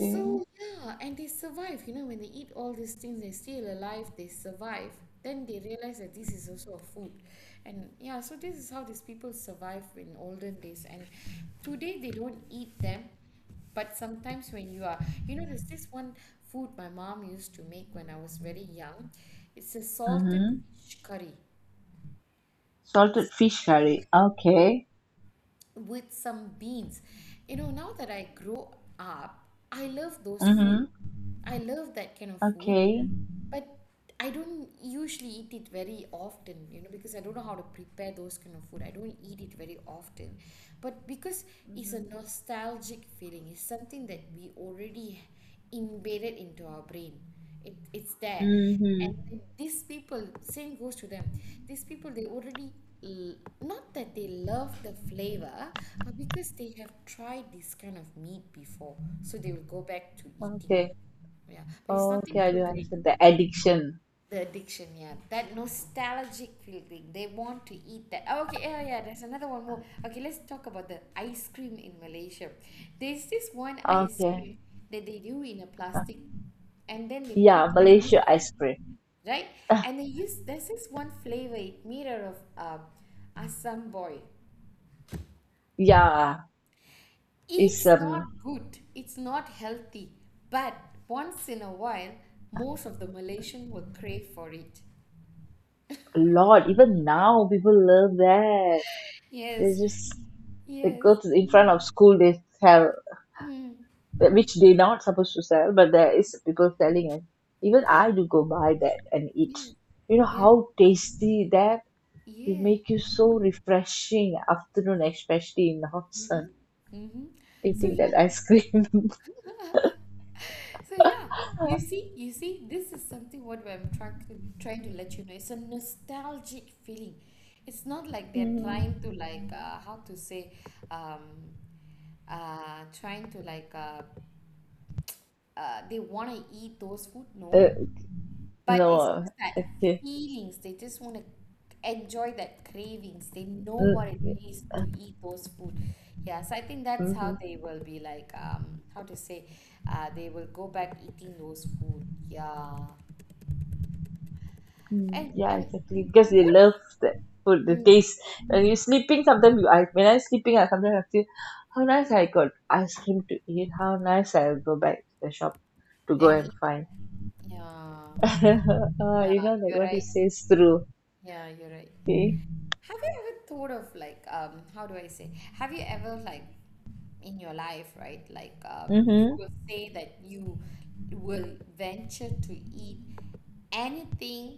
Speaker 2: Okay.
Speaker 1: yeah, and they survive. When they eat all these things, they're still alive. They survive. Then they realize that this is also a food, and yeah. So this is how these people survive in olden days. And today they don't eat them, but sometimes when you are, there's this one food my mom used to make when I was very young. It's a salted
Speaker 2: Mm-hmm.
Speaker 1: fish curry
Speaker 2: Salted fish curry. Okay.
Speaker 1: with some beans. Now that I grow up, I love those food.
Speaker 2: Mm-hmm.
Speaker 1: I love that kind of food,
Speaker 2: Okay.
Speaker 1: but I don't usually eat it very often, because I don't know how to prepare those kind of food. I don't eat it very often. But because it's a
Speaker 2: Mm-hmm.
Speaker 1: nostalgic feeling, it's something that we already embedded into our brain. It's there. And
Speaker 2: Mm-hmm.
Speaker 1: then these people, same goes to them. These people, they already, l- not that they love the flavor, but because they have tried this kind of meat before. So they will go back to eating.
Speaker 2: Okay.
Speaker 1: Yeah. But it's
Speaker 2: Okay,
Speaker 1: nothing
Speaker 2: I
Speaker 1: so
Speaker 2: do
Speaker 1: great.
Speaker 2: understand the addiction.
Speaker 1: The addiction, yeah. That nostalgic feeling. They want to eat that. Oh, okay, yeah, yeah, there's another one more. Okay, let's talk about the ice cream in Malaysia. There's this one ice
Speaker 2: Okay.
Speaker 1: cream that they do in a
Speaker 2: Uh,
Speaker 1: plastic and then they put
Speaker 2: yeah,
Speaker 1: like this,
Speaker 2: Malaysia ice cream.
Speaker 1: right? And they use, there's this one flavor, it mirror of Assam boy.
Speaker 2: Yeah, it's
Speaker 1: It's not good. It's not healthy. But once in a while, most of the Malaysian will crave for it.
Speaker 2: a lot. Even now, people love that. They
Speaker 1: Yes,
Speaker 2: just they
Speaker 1: yes,
Speaker 2: go to in front of school. They sell, which they're not supposed to sell, but there is people selling it. Even
Speaker 1: yeah,
Speaker 2: I do go buy that and eat.
Speaker 1: yes.
Speaker 2: You know
Speaker 1: Yeah,
Speaker 2: how tasty that, it
Speaker 1: yeah.
Speaker 2: make you so refreshing afternoon, especially in the hot sun,
Speaker 1: Mm-hmm. Mm-hmm. So
Speaker 2: eating that
Speaker 1: yeah,
Speaker 2: ice cream.
Speaker 1: so yeah. You see, this is something what I'm trying to let you know. It's a nostalgic feeling. It's not like they're trying to,
Speaker 2: Mm.
Speaker 1: like, how to say, um, trying to, like, they want to eat those food.
Speaker 2: Uh,
Speaker 1: No, but it's
Speaker 2: no,
Speaker 1: just that
Speaker 2: okay.
Speaker 1: feelings, they just want to enjoy that cravings. They know what it
Speaker 2: Mm,
Speaker 1: takes to
Speaker 2: uh,
Speaker 1: eat those food. Yeah, so I think that's how they
Speaker 2: mhm,
Speaker 1: will be like, how to say, they will go back eating those food. Yeah.
Speaker 2: mm,
Speaker 1: And
Speaker 2: yeah,
Speaker 1: and
Speaker 2: exactly. Because they
Speaker 1: what,
Speaker 2: love the food, the
Speaker 1: mm,
Speaker 2: taste. When you're sleeping, sometimes you, I, when I'm sleeping, I sometimes I feel how nice I got ice cream to eat. How nice I'll go back to the shop to go
Speaker 1: and
Speaker 2: and
Speaker 1: eat,
Speaker 2: find.
Speaker 1: yeah.
Speaker 2: Uh,
Speaker 1: Yeah,
Speaker 2: you know, like
Speaker 1: you're
Speaker 2: what he
Speaker 1: right.
Speaker 2: says true.
Speaker 1: Yeah, you're right.
Speaker 2: Okay.
Speaker 1: Have you ever thought of, like, how do I say? Have you ever, like, in your life, right? Like, you
Speaker 2: Mm-hmm.
Speaker 1: will say that you will venture to eat anything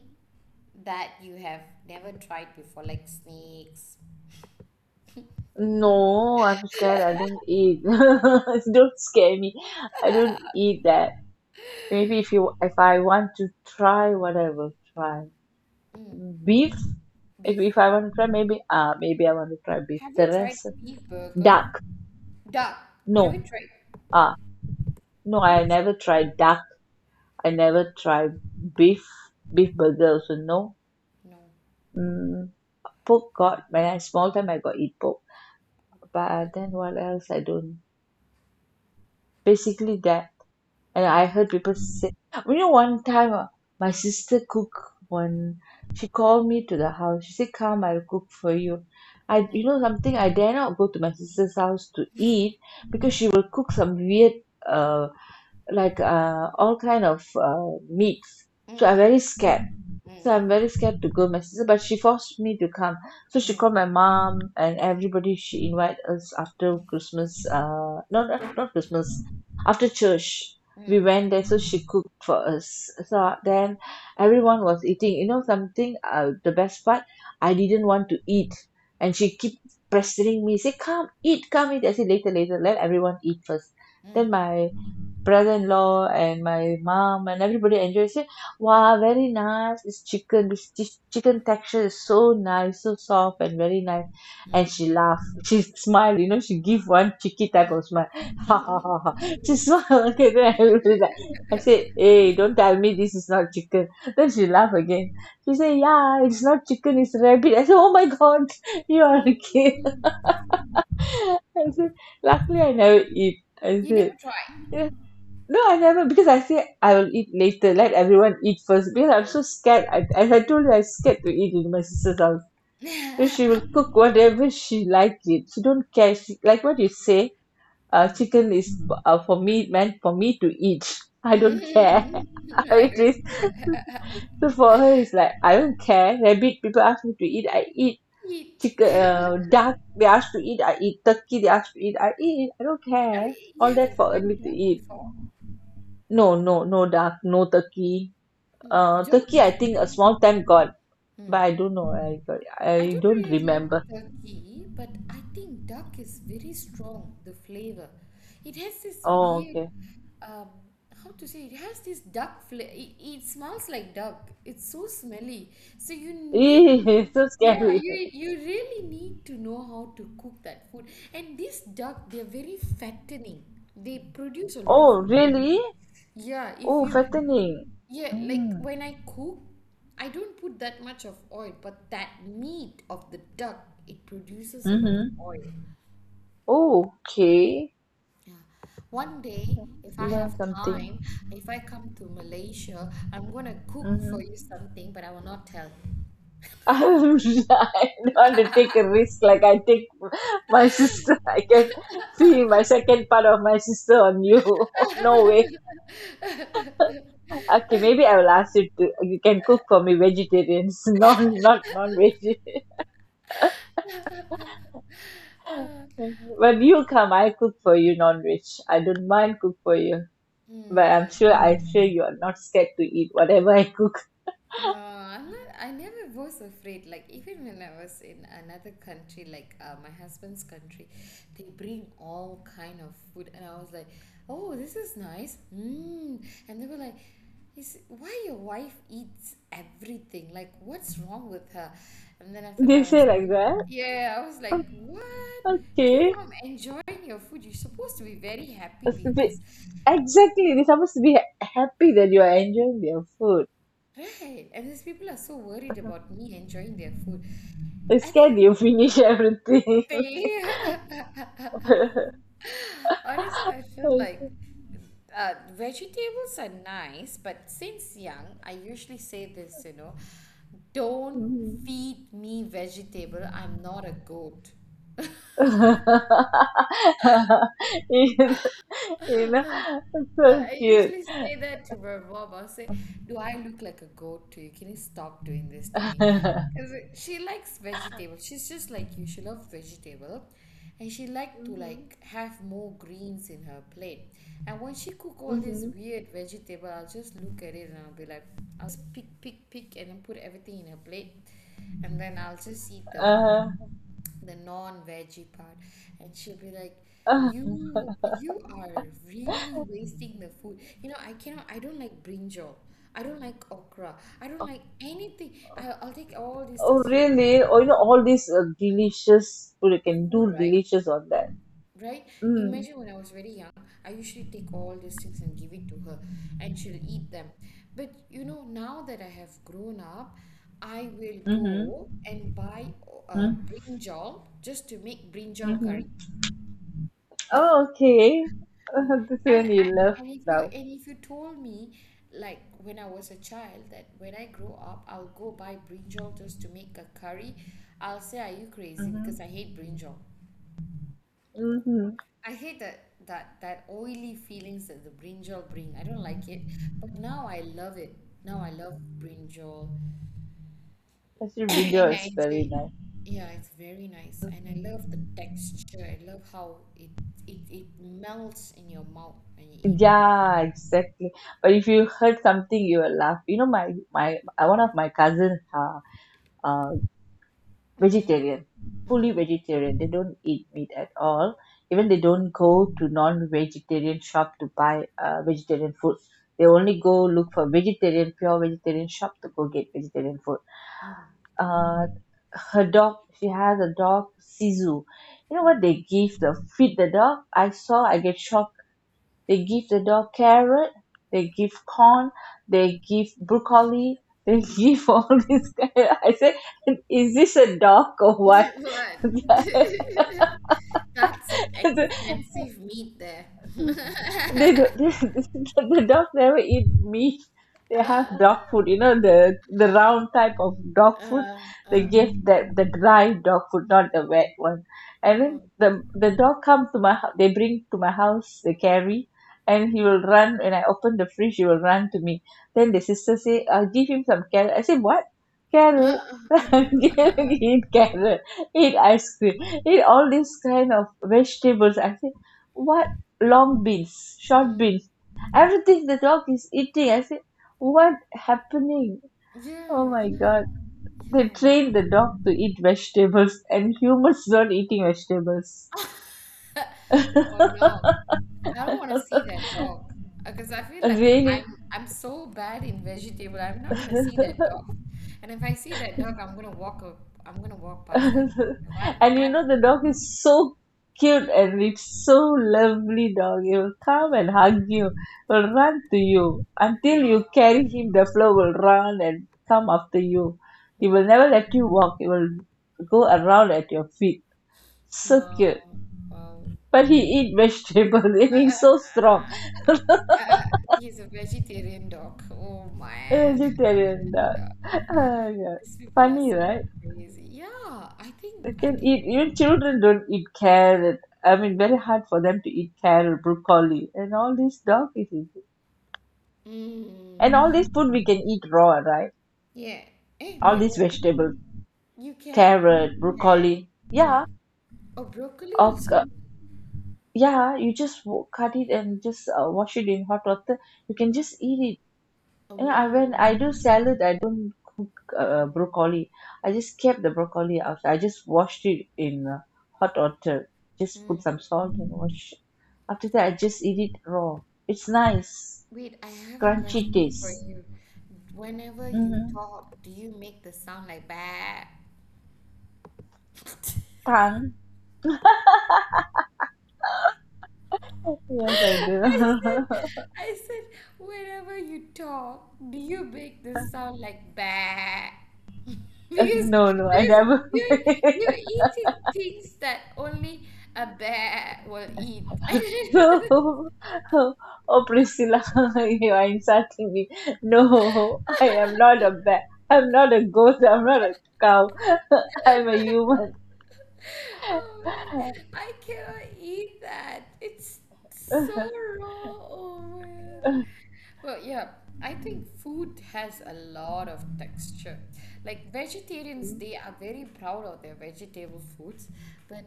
Speaker 1: that you have never tried before, like snakes,
Speaker 2: No, I'm scared. I don't eat. Don't scare me. I don't eat that. Maybe if you, if I want to try, whatever, try. Beef, if,
Speaker 1: beef.
Speaker 2: if I want to try, maybe, ah, maybe I want to try beef.
Speaker 1: Have you
Speaker 2: The
Speaker 1: tried
Speaker 2: rest,
Speaker 1: beef burger?
Speaker 2: duck.
Speaker 1: Duck. Have you
Speaker 2: No,
Speaker 1: tried?
Speaker 2: ah, no,
Speaker 1: Have
Speaker 2: I
Speaker 1: you tried?
Speaker 2: never tried duck. I never tried beef, beef burger also, no.
Speaker 1: No.
Speaker 2: Mm, pork got, when I small time I got eat pork. But then what else I don't. Basically that. And I
Speaker 1: Mm,
Speaker 2: heard people say, you know, one time my sister cook one. She called me to the house. She said, "Come, I'll cook for you." I, you
Speaker 1: mm,
Speaker 2: know, something I dare not go to my sister's house to eat because she will cook some weird, uh, like all kind of meats.
Speaker 1: mm,
Speaker 2: So I'm very
Speaker 1: mm,
Speaker 2: scared, so
Speaker 1: mm,
Speaker 2: I'm very scared to go my sister, but she forced me to come, so
Speaker 1: mm,
Speaker 2: she
Speaker 1: mm,
Speaker 2: called my mom and everybody, she invited us after Christmas, not Christmas, after church we went there. So she cooked for us, so then everyone was eating, you know, something, the best part I didn't want to eat, and she keep pestering me, say, come eat, come eat. I said, later, later, let everyone eat first.
Speaker 1: mm, mm,
Speaker 2: Then my brother-in-law and my mom and everybody enjoys it. Wow, very nice. This chicken, this chicken texture is so nice, so soft and very nice. And she laughed. She smiled. You know, she give one cheeky type of smile. Ha
Speaker 1: mm,
Speaker 2: ha
Speaker 1: mm.
Speaker 2: ha ha. She smiled. Okay, then everybody's like, I said, hey, don't tell me this is not chicken. Then she laughed again. She said, yeah, it's not chicken, it's rabbit. I said, oh my God, you are a kid. I said, luckily I never eat. I
Speaker 1: You never
Speaker 2: said.
Speaker 1: tried
Speaker 2: No, I never, because I say I will eat later. Let everyone eat first because I'm so scared. I, as I told you, I'm scared to eat in my sister's house. So she
Speaker 1: first.
Speaker 2: will cook whatever she likes it. She don't care. She, like what you say, chicken is for me meant for me to eat. I don't care.
Speaker 1: Mm, I
Speaker 2: It
Speaker 1: don't
Speaker 2: is
Speaker 1: care.
Speaker 2: so, for her, it's like I don't care. Rabbit people ask me to eat, I eat.
Speaker 1: Eat.
Speaker 2: Chicken, uh, duck they ask to eat, I eat. Turkey they ask to eat, I eat. I don't
Speaker 1: I
Speaker 2: care.
Speaker 1: mean, you
Speaker 2: All that
Speaker 1: haven't
Speaker 2: for me
Speaker 1: tried
Speaker 2: to
Speaker 1: duck
Speaker 2: eat.
Speaker 1: before.
Speaker 2: No, no, no duck. No turkey,
Speaker 1: Mm.
Speaker 2: uh
Speaker 1: Duck
Speaker 2: turkey
Speaker 1: is
Speaker 2: I
Speaker 1: a
Speaker 2: think a
Speaker 1: very.
Speaker 2: small time got,
Speaker 1: Mm.
Speaker 2: but I don't know I got,
Speaker 1: I
Speaker 2: I
Speaker 1: don't
Speaker 2: don't
Speaker 1: really like
Speaker 2: remember.
Speaker 1: turkey, but I think duck is very strong, the flavor. It has this
Speaker 2: Oh
Speaker 1: weird,
Speaker 2: okay
Speaker 1: um how to say, it has this duck it smells like duck. It's so smelly, so you need to,
Speaker 2: !ee! so
Speaker 1: yeah,
Speaker 2: scary.
Speaker 1: you really need to know how to cook that food. And this duck, they're very fattening. They produce a lot of
Speaker 2: Oh
Speaker 1: oil.
Speaker 2: really?
Speaker 1: Yeah. if
Speaker 2: Oh,
Speaker 1: you
Speaker 2: fattening.
Speaker 1: yeah like
Speaker 2: Mm.
Speaker 1: when I cook I don't put that much of oil but that meat of the duck it produces a lot of
Speaker 2: Mm-hmm.
Speaker 1: oil
Speaker 2: Oh, okay.
Speaker 1: Yeah. One day, if I
Speaker 2: Learn
Speaker 1: have
Speaker 2: something.
Speaker 1: time, if I come to Malaysia, I'm gonna cook for
Speaker 2: Mm-hmm.
Speaker 1: you something, but I will not tell.
Speaker 2: I'm, I don't want to take a risk like I take my sister. I can see my second part of my sister on you. No way. Okay, maybe I will ask you to. You can cook for me vegetarians, non, not non veg. When you come, I cook for you non rich, I don't mind cook for you, but I'm
Speaker 1: Hmm.
Speaker 2: sure, I'm sure you are not scared to eat whatever I cook.
Speaker 1: No, I'm not. I never was afraid. Like even when I was in another country, like, my husband's country, they bring all kind of food, and I was like, "Oh, this is nice." Mm. And they were like, "Is why your wife eats everything? Like, what's wrong with her?" And then after
Speaker 2: They
Speaker 1: that, I was,
Speaker 2: say like that.
Speaker 1: yeah, I was
Speaker 2: O-
Speaker 1: like, "What? Do you
Speaker 2: Okay,
Speaker 1: know I'm enjoying your food? You're supposed to be very happy
Speaker 2: it's
Speaker 1: because,
Speaker 2: exactly. They're supposed to be happy that you are enjoying their food.
Speaker 1: right? And these people are so worried about me enjoying their food."
Speaker 2: They're
Speaker 1: I
Speaker 2: scared
Speaker 1: think.
Speaker 2: you finish everything.
Speaker 1: Tea. Honestly, I feel like, uh, vegetables are nice, but since young, I usually say this, don't
Speaker 2: Mhm.
Speaker 1: feed me vegetable. I'm not a goat.
Speaker 2: you know, so
Speaker 1: I
Speaker 2: cute.
Speaker 1: usually say that to my mom. I'll say, do I look like a goat to you? Can you stop doing this to me?
Speaker 2: Mhm.
Speaker 1: Because she likes vegetables. She's just like you. She loves vegetable. And she like to, like, have more greens in her plate. And when she cook all this
Speaker 2: Mhm.
Speaker 1: weird vegetable, I'll just look at it and I'll be like, I'll just pick, pick, pick and then put everything in her plate. And then I'll just eat the
Speaker 2: Uh-huh.
Speaker 1: the non-veggie part, and she'll be like, you are really wasting the food, I cannot, I don't like brinjal, I don't like okra, I don't like anything. I'll take all these
Speaker 2: Oh,
Speaker 1: things.
Speaker 2: really? Oh, all these delicious food. You can
Speaker 1: Food,
Speaker 2: do
Speaker 1: right,
Speaker 2: delicious on that.
Speaker 1: right,
Speaker 2: Mm.
Speaker 1: imagine when I was very young I usually take all these things and give it to her, and she'll eat them. But now that I have grown up, I will
Speaker 2: Mm-hmm.
Speaker 1: go and buy
Speaker 2: Mm-hmm.
Speaker 1: brinjal just to make brinjal
Speaker 2: Mm-hmm.
Speaker 1: curry.
Speaker 2: Oh, okay. This
Speaker 1: And
Speaker 2: one you
Speaker 1: I,
Speaker 2: love
Speaker 1: and if you
Speaker 2: now.
Speaker 1: and if you told me, like, when I was a child, that when I grow up I'll go buy brinjal just to make a curry, I'll say, are you crazy? Because I
Speaker 2: Mm-hmm.
Speaker 1: hate brinjal.
Speaker 2: Mm-hmm.
Speaker 1: I hate that oily feelings that the brinjal bring. I don't like it. But now I love it. Now I love brinjal
Speaker 2: Actually,
Speaker 1: and
Speaker 2: brinjal is
Speaker 1: I
Speaker 2: very
Speaker 1: enjoy,
Speaker 2: nice.
Speaker 1: yeah, it's very nice. And I love the texture. I love how it melts in your mouth when you eat that.
Speaker 2: Yeah, exactly. But if you heard something, you will laugh. My one of my cousin, uh, vegetarian, fully vegetarian. They don't eat meat at all. Even they don't go to non-vegetarian shop to buy vegetarian food. They only go look for vegetarian, pure vegetarian shop to go get vegetarian food. uh, Her dog, she has a dog Sisu. You know what they give, the feed the dog? I saw, I get shocked. They give the dog carrot, they give corn, they give broccoli, they give all this I said, is this a dog or what?
Speaker 1: What? That's an
Speaker 2: that
Speaker 1: expensive meat there.
Speaker 2: They do. The dog never eat meat. They have dog food, the round type of dog food.
Speaker 1: uh,
Speaker 2: They
Speaker 1: uh,
Speaker 2: give the dry dog food, not the wet one. And then
Speaker 1: oh.
Speaker 2: the dog comes to my house. They bring to my house. They carry, and he will run. When I open the fridge, he will run to me. Then the sister say, "I'll give him some carrot." I say, "What
Speaker 1: Uh,
Speaker 2: carrot?"
Speaker 1: uh, uh, uh,
Speaker 2: Eat carrot, eat ice cream, eat all these kind of vegetables. I say, why? Long beans, short
Speaker 1: mm.
Speaker 2: beans. Everything the dog is eating. I say, what happening? Oh
Speaker 1: Yeah,
Speaker 2: my
Speaker 1: yeah,
Speaker 2: god.
Speaker 1: yeah.
Speaker 2: They train
Speaker 1: Wow.
Speaker 2: the dog to eat vegetables and humans not eating vegetables.
Speaker 1: Oh no, I don't want to see that dog because I feel like
Speaker 2: Really?
Speaker 1: I'm so bad in vegetable. I'm not gonna
Speaker 2: And
Speaker 1: see that dog, and if I see that dog, I'm gonna walk up. I'm gonna walk past that. That
Speaker 2: you
Speaker 1: that.
Speaker 2: know the dog is so cute and it's so lovely dog. It will come and hug you, will run to you. Until you
Speaker 1: Wow,
Speaker 2: carry him, the flow will run and come after you. He will
Speaker 1: wow,
Speaker 2: never let you walk. He will go around at your feet. So
Speaker 1: wow,
Speaker 2: cute.
Speaker 1: wow.
Speaker 2: But he eat vegetable and he's so strong.
Speaker 1: Uh, he's a vegetarian doc. Oh man,
Speaker 2: Vegetarian dog. Oh god.
Speaker 1: these people are
Speaker 2: Funny,
Speaker 1: so
Speaker 2: right?
Speaker 1: crazy. Yeah, I think
Speaker 2: They
Speaker 1: I
Speaker 2: can
Speaker 1: think.
Speaker 2: eat. Even children don't eat carrot. I mean, very hard for them to eat carrot, broccoli, and all this dog is eating.
Speaker 1: Mm,
Speaker 2: And all this food we can eat raw, right?
Speaker 1: yeah. Hey,
Speaker 2: All
Speaker 1: wait,
Speaker 2: these
Speaker 1: what?
Speaker 2: vegetables.
Speaker 1: You can?
Speaker 2: Carrot,
Speaker 1: Yeah.
Speaker 2: broccoli.
Speaker 1: Mm.
Speaker 2: Yeah.
Speaker 1: Oh, broccoli
Speaker 2: Or,
Speaker 1: also?
Speaker 2: yeah, you just cut it and just wash it in hot water. You can just eat it. You know, I
Speaker 1: Oh,
Speaker 2: When I do salad, I don't cook broccoli. I just kept the broccoli out. I just washed it in hot water. Just put some salt and wash. After that, I just eat it raw. It's nice,
Speaker 1: wait. I have a
Speaker 2: crunchy
Speaker 1: question for
Speaker 2: taste.
Speaker 1: you. Whenever you
Speaker 2: Mm-hmm.
Speaker 1: talk, do you make the sound like bah?
Speaker 2: Tongue. Yes, I do.
Speaker 1: I said, I said, whenever you talk, do you make this sound like bah? Because
Speaker 2: No, no, I
Speaker 1: because
Speaker 2: never.
Speaker 1: you're you're eating things that only a bear will eat.
Speaker 2: No. Oh, Priscilla, you are insulting me. No, I am not a bat. I'm not a goat. I'm not a cow. I'm a human.
Speaker 1: Oh man, I cannot eat that. It's so raw. Oh man. Well, yeah, I think food has a lot of texture. Like vegetarians, they are very proud of their vegetable foods, but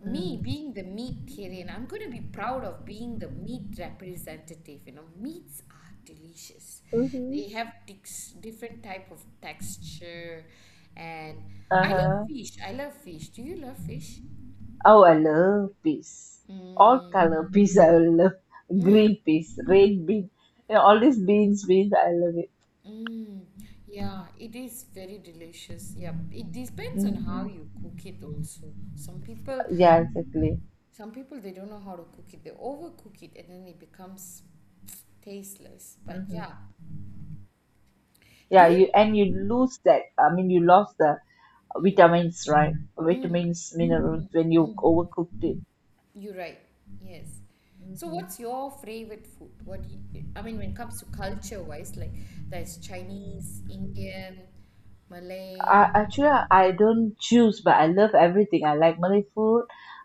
Speaker 1: me being the meatarian, I'm going to be proud of being the meat representative. You know, meats are delicious.
Speaker 2: Mhm.
Speaker 1: They have different type of texture, and I love
Speaker 2: Uh-huh.
Speaker 1: fish. I love fish. Do you love fish?
Speaker 2: Oh, I love peas. All
Speaker 1: Mm,
Speaker 2: color peas I will love. Green peas, red bean. All these beans, beans, I love it.
Speaker 1: Mm, yeah, it is very delicious. Yeah, it depends on
Speaker 2: Hmm.
Speaker 1: how you cook it also. Some people,
Speaker 2: Yeah, exactly.
Speaker 1: some people they don't know how to cook it. They overcook it and then it becomes tasteless. But yeah,
Speaker 2: Hmm.
Speaker 1: do
Speaker 2: Yeah, you
Speaker 1: you?
Speaker 2: and you lose that. I mean, you lost the
Speaker 1: Mm,
Speaker 2: vitamins, right?
Speaker 1: mm,
Speaker 2: Vitamins, minerals when you
Speaker 1: mm,
Speaker 2: overcooked it.
Speaker 1: you're right. Yes. So
Speaker 2: Hmm.
Speaker 1: what's your favorite food? I mean, when it comes to culture wise, like there's Chinese, Indian, Malay.
Speaker 2: Actually, I don't choose, but I love everything. I like Malay food.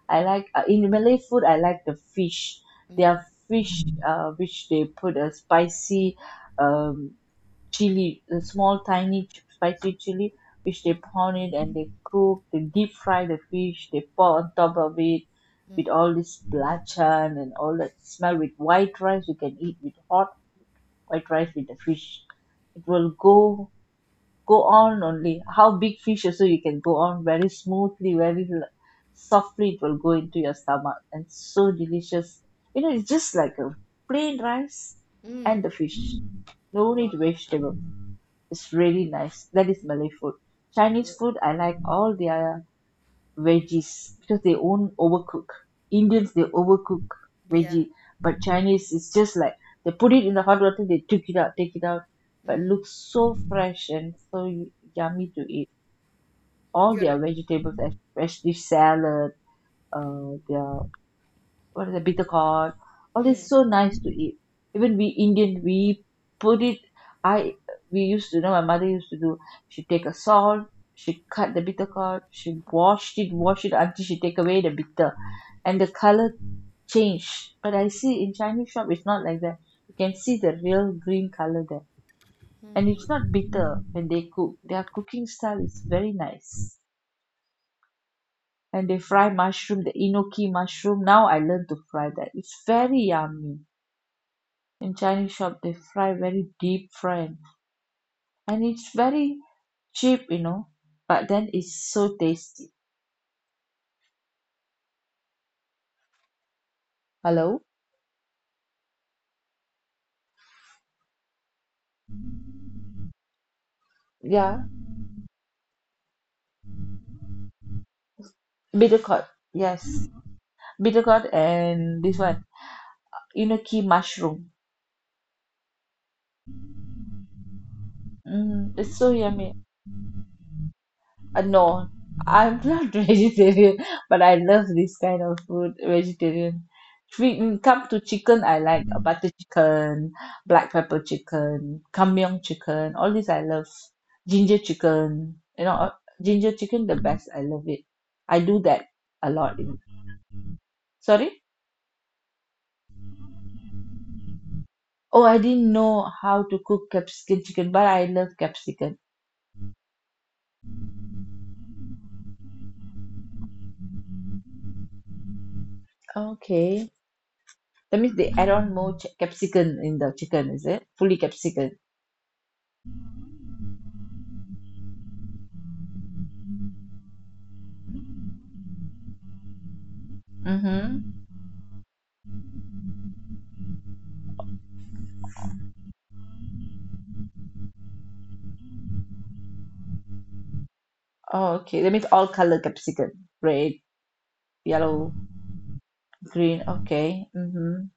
Speaker 2: I like in Malay food. I like the fish.
Speaker 1: Mm,
Speaker 2: Their fish, which they put a spicy, um, chili, a small tiny spicy chili, which they
Speaker 1: mm,
Speaker 2: pound it and they cook. They deep fry the fish. They pour on top of it with
Speaker 1: mm,
Speaker 2: all this belacan and all that smell with white rice. You can eat with hot white rice with the fish. It will go on only. How big fish also you can go on very smoothly, very softly. It will go into your stomach and so delicious. It's just like a plain rice
Speaker 1: mm.
Speaker 2: and the fish. No
Speaker 1: Wow.
Speaker 2: need vegetable. It's really nice. That is Malay food. Chinese
Speaker 1: wow,
Speaker 2: food, I like all the veggies because they won't overcook.
Speaker 1: wow,
Speaker 2: Indians they overcook
Speaker 1: Yeah.
Speaker 2: veggie, but Chinese it's just like they put it in the hot water, they took it out, take it out, but
Speaker 1: Mm.
Speaker 2: looks so fresh and so yummy to eat. All
Speaker 1: You're right.
Speaker 2: their vegetables, especially salad, their what is the bitter gourd, all this so nice to eat. Even we Indian, we put it I we used to. My mother used to do, she take a salt, she cut the bitter gourd, she washed it, washed it until she take away the bitter and the color change. But I see in Chinese shop it's not like that. You can see the real green color there. And it's not bitter when they cook. Their cooking style is very nice. And they fry mushroom, the enoki mushroom. Now I learn to fry that. It's very yummy. In Chinese shop, they fry very deep fried, and it's very cheap, but then it's so tasty. Hello? Yeah, bitter gourd. Yes, bitter gourd and this one, enoki mushroom. Mm, it's so yummy. No, I'm not vegetarian, but I love this kind of food, vegetarian. Come to chicken, I like butter chicken, black pepper chicken, kamyong chicken, all this I love. Ginger chicken, ginger chicken the best. I love it. I do that a lot. Sorry? Oh, I didn't know how to cook capsicum chicken, but I love capsicum. Okay. That means they add on more ch capsicum in the chicken, is it? Fully capsicum. Mm-hmm. Oh, okay. That means all color capsicum. Red, yellow, green. Okay. Mm-hmm.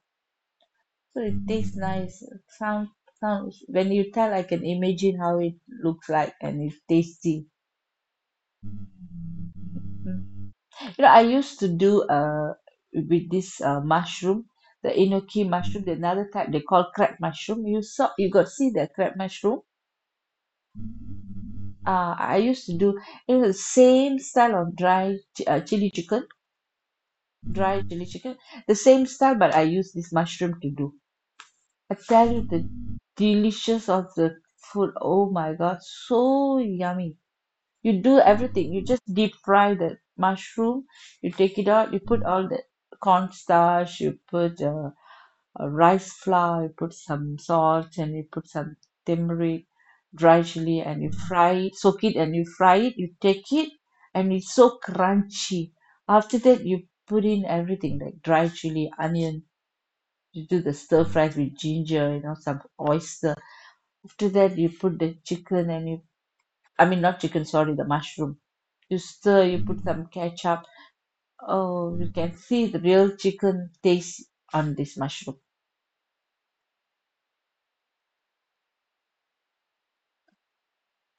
Speaker 2: So it tastes nice. Sound, sounds. When you tell, I can imagine how it looks like and it's tasty. Mm. I used to do with this mushroom, the enoki mushroom, the another type they call crab mushroom. You saw, you got see the crab mushroom. I used to do, it was the same style of dry chili chicken, dry chili chicken, the same style, but I use this mushroom to do. I tell you the delicious of the food. Oh my God, so yummy. You do everything. You just deep fry the mushroom, you take it out, you put all the cornstarch, you put rice flour, you put some salt, and you put some turmeric, dry chili, and you fry it, soak it, and you fry it. You take it, and it's so crunchy. After that, you put in everything like dry chili, onion, you do the stir fries with ginger, some oyster. After that, you put the chicken and you, I mean, not chicken, sorry, the mushroom. You stir, you put some ketchup. Oh, you can see the real chicken taste on this mushroom.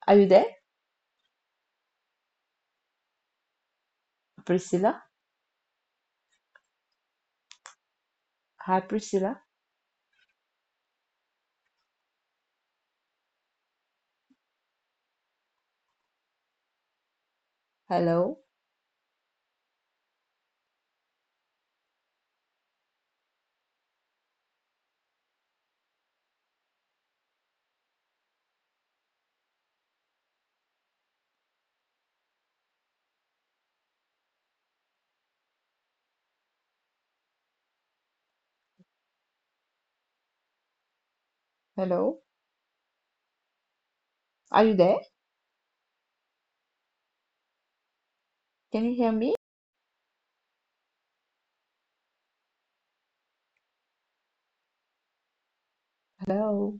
Speaker 2: Are you there, Priscilla? Hi, Priscilla. Hello. Hello. Are you there? Can you hear me? Hello.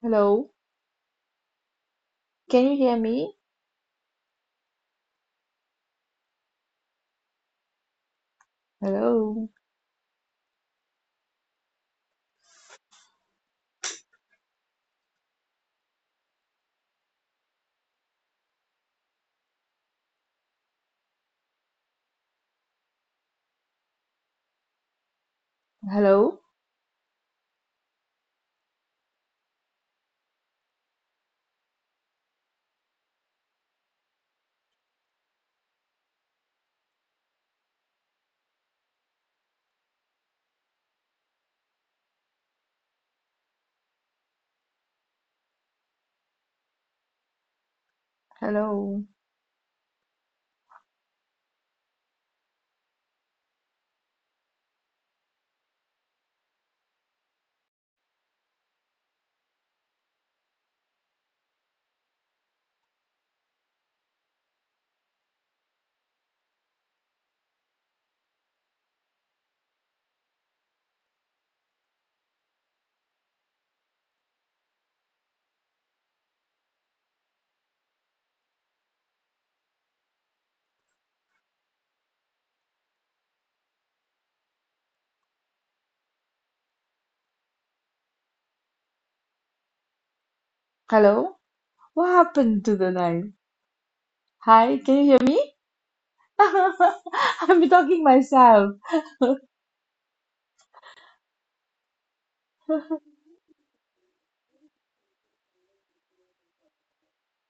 Speaker 2: Hello. Can you hear me? Hello. Hello. Hello. Hello. What happened to the line? Hi, can you hear me? I'm talking myself.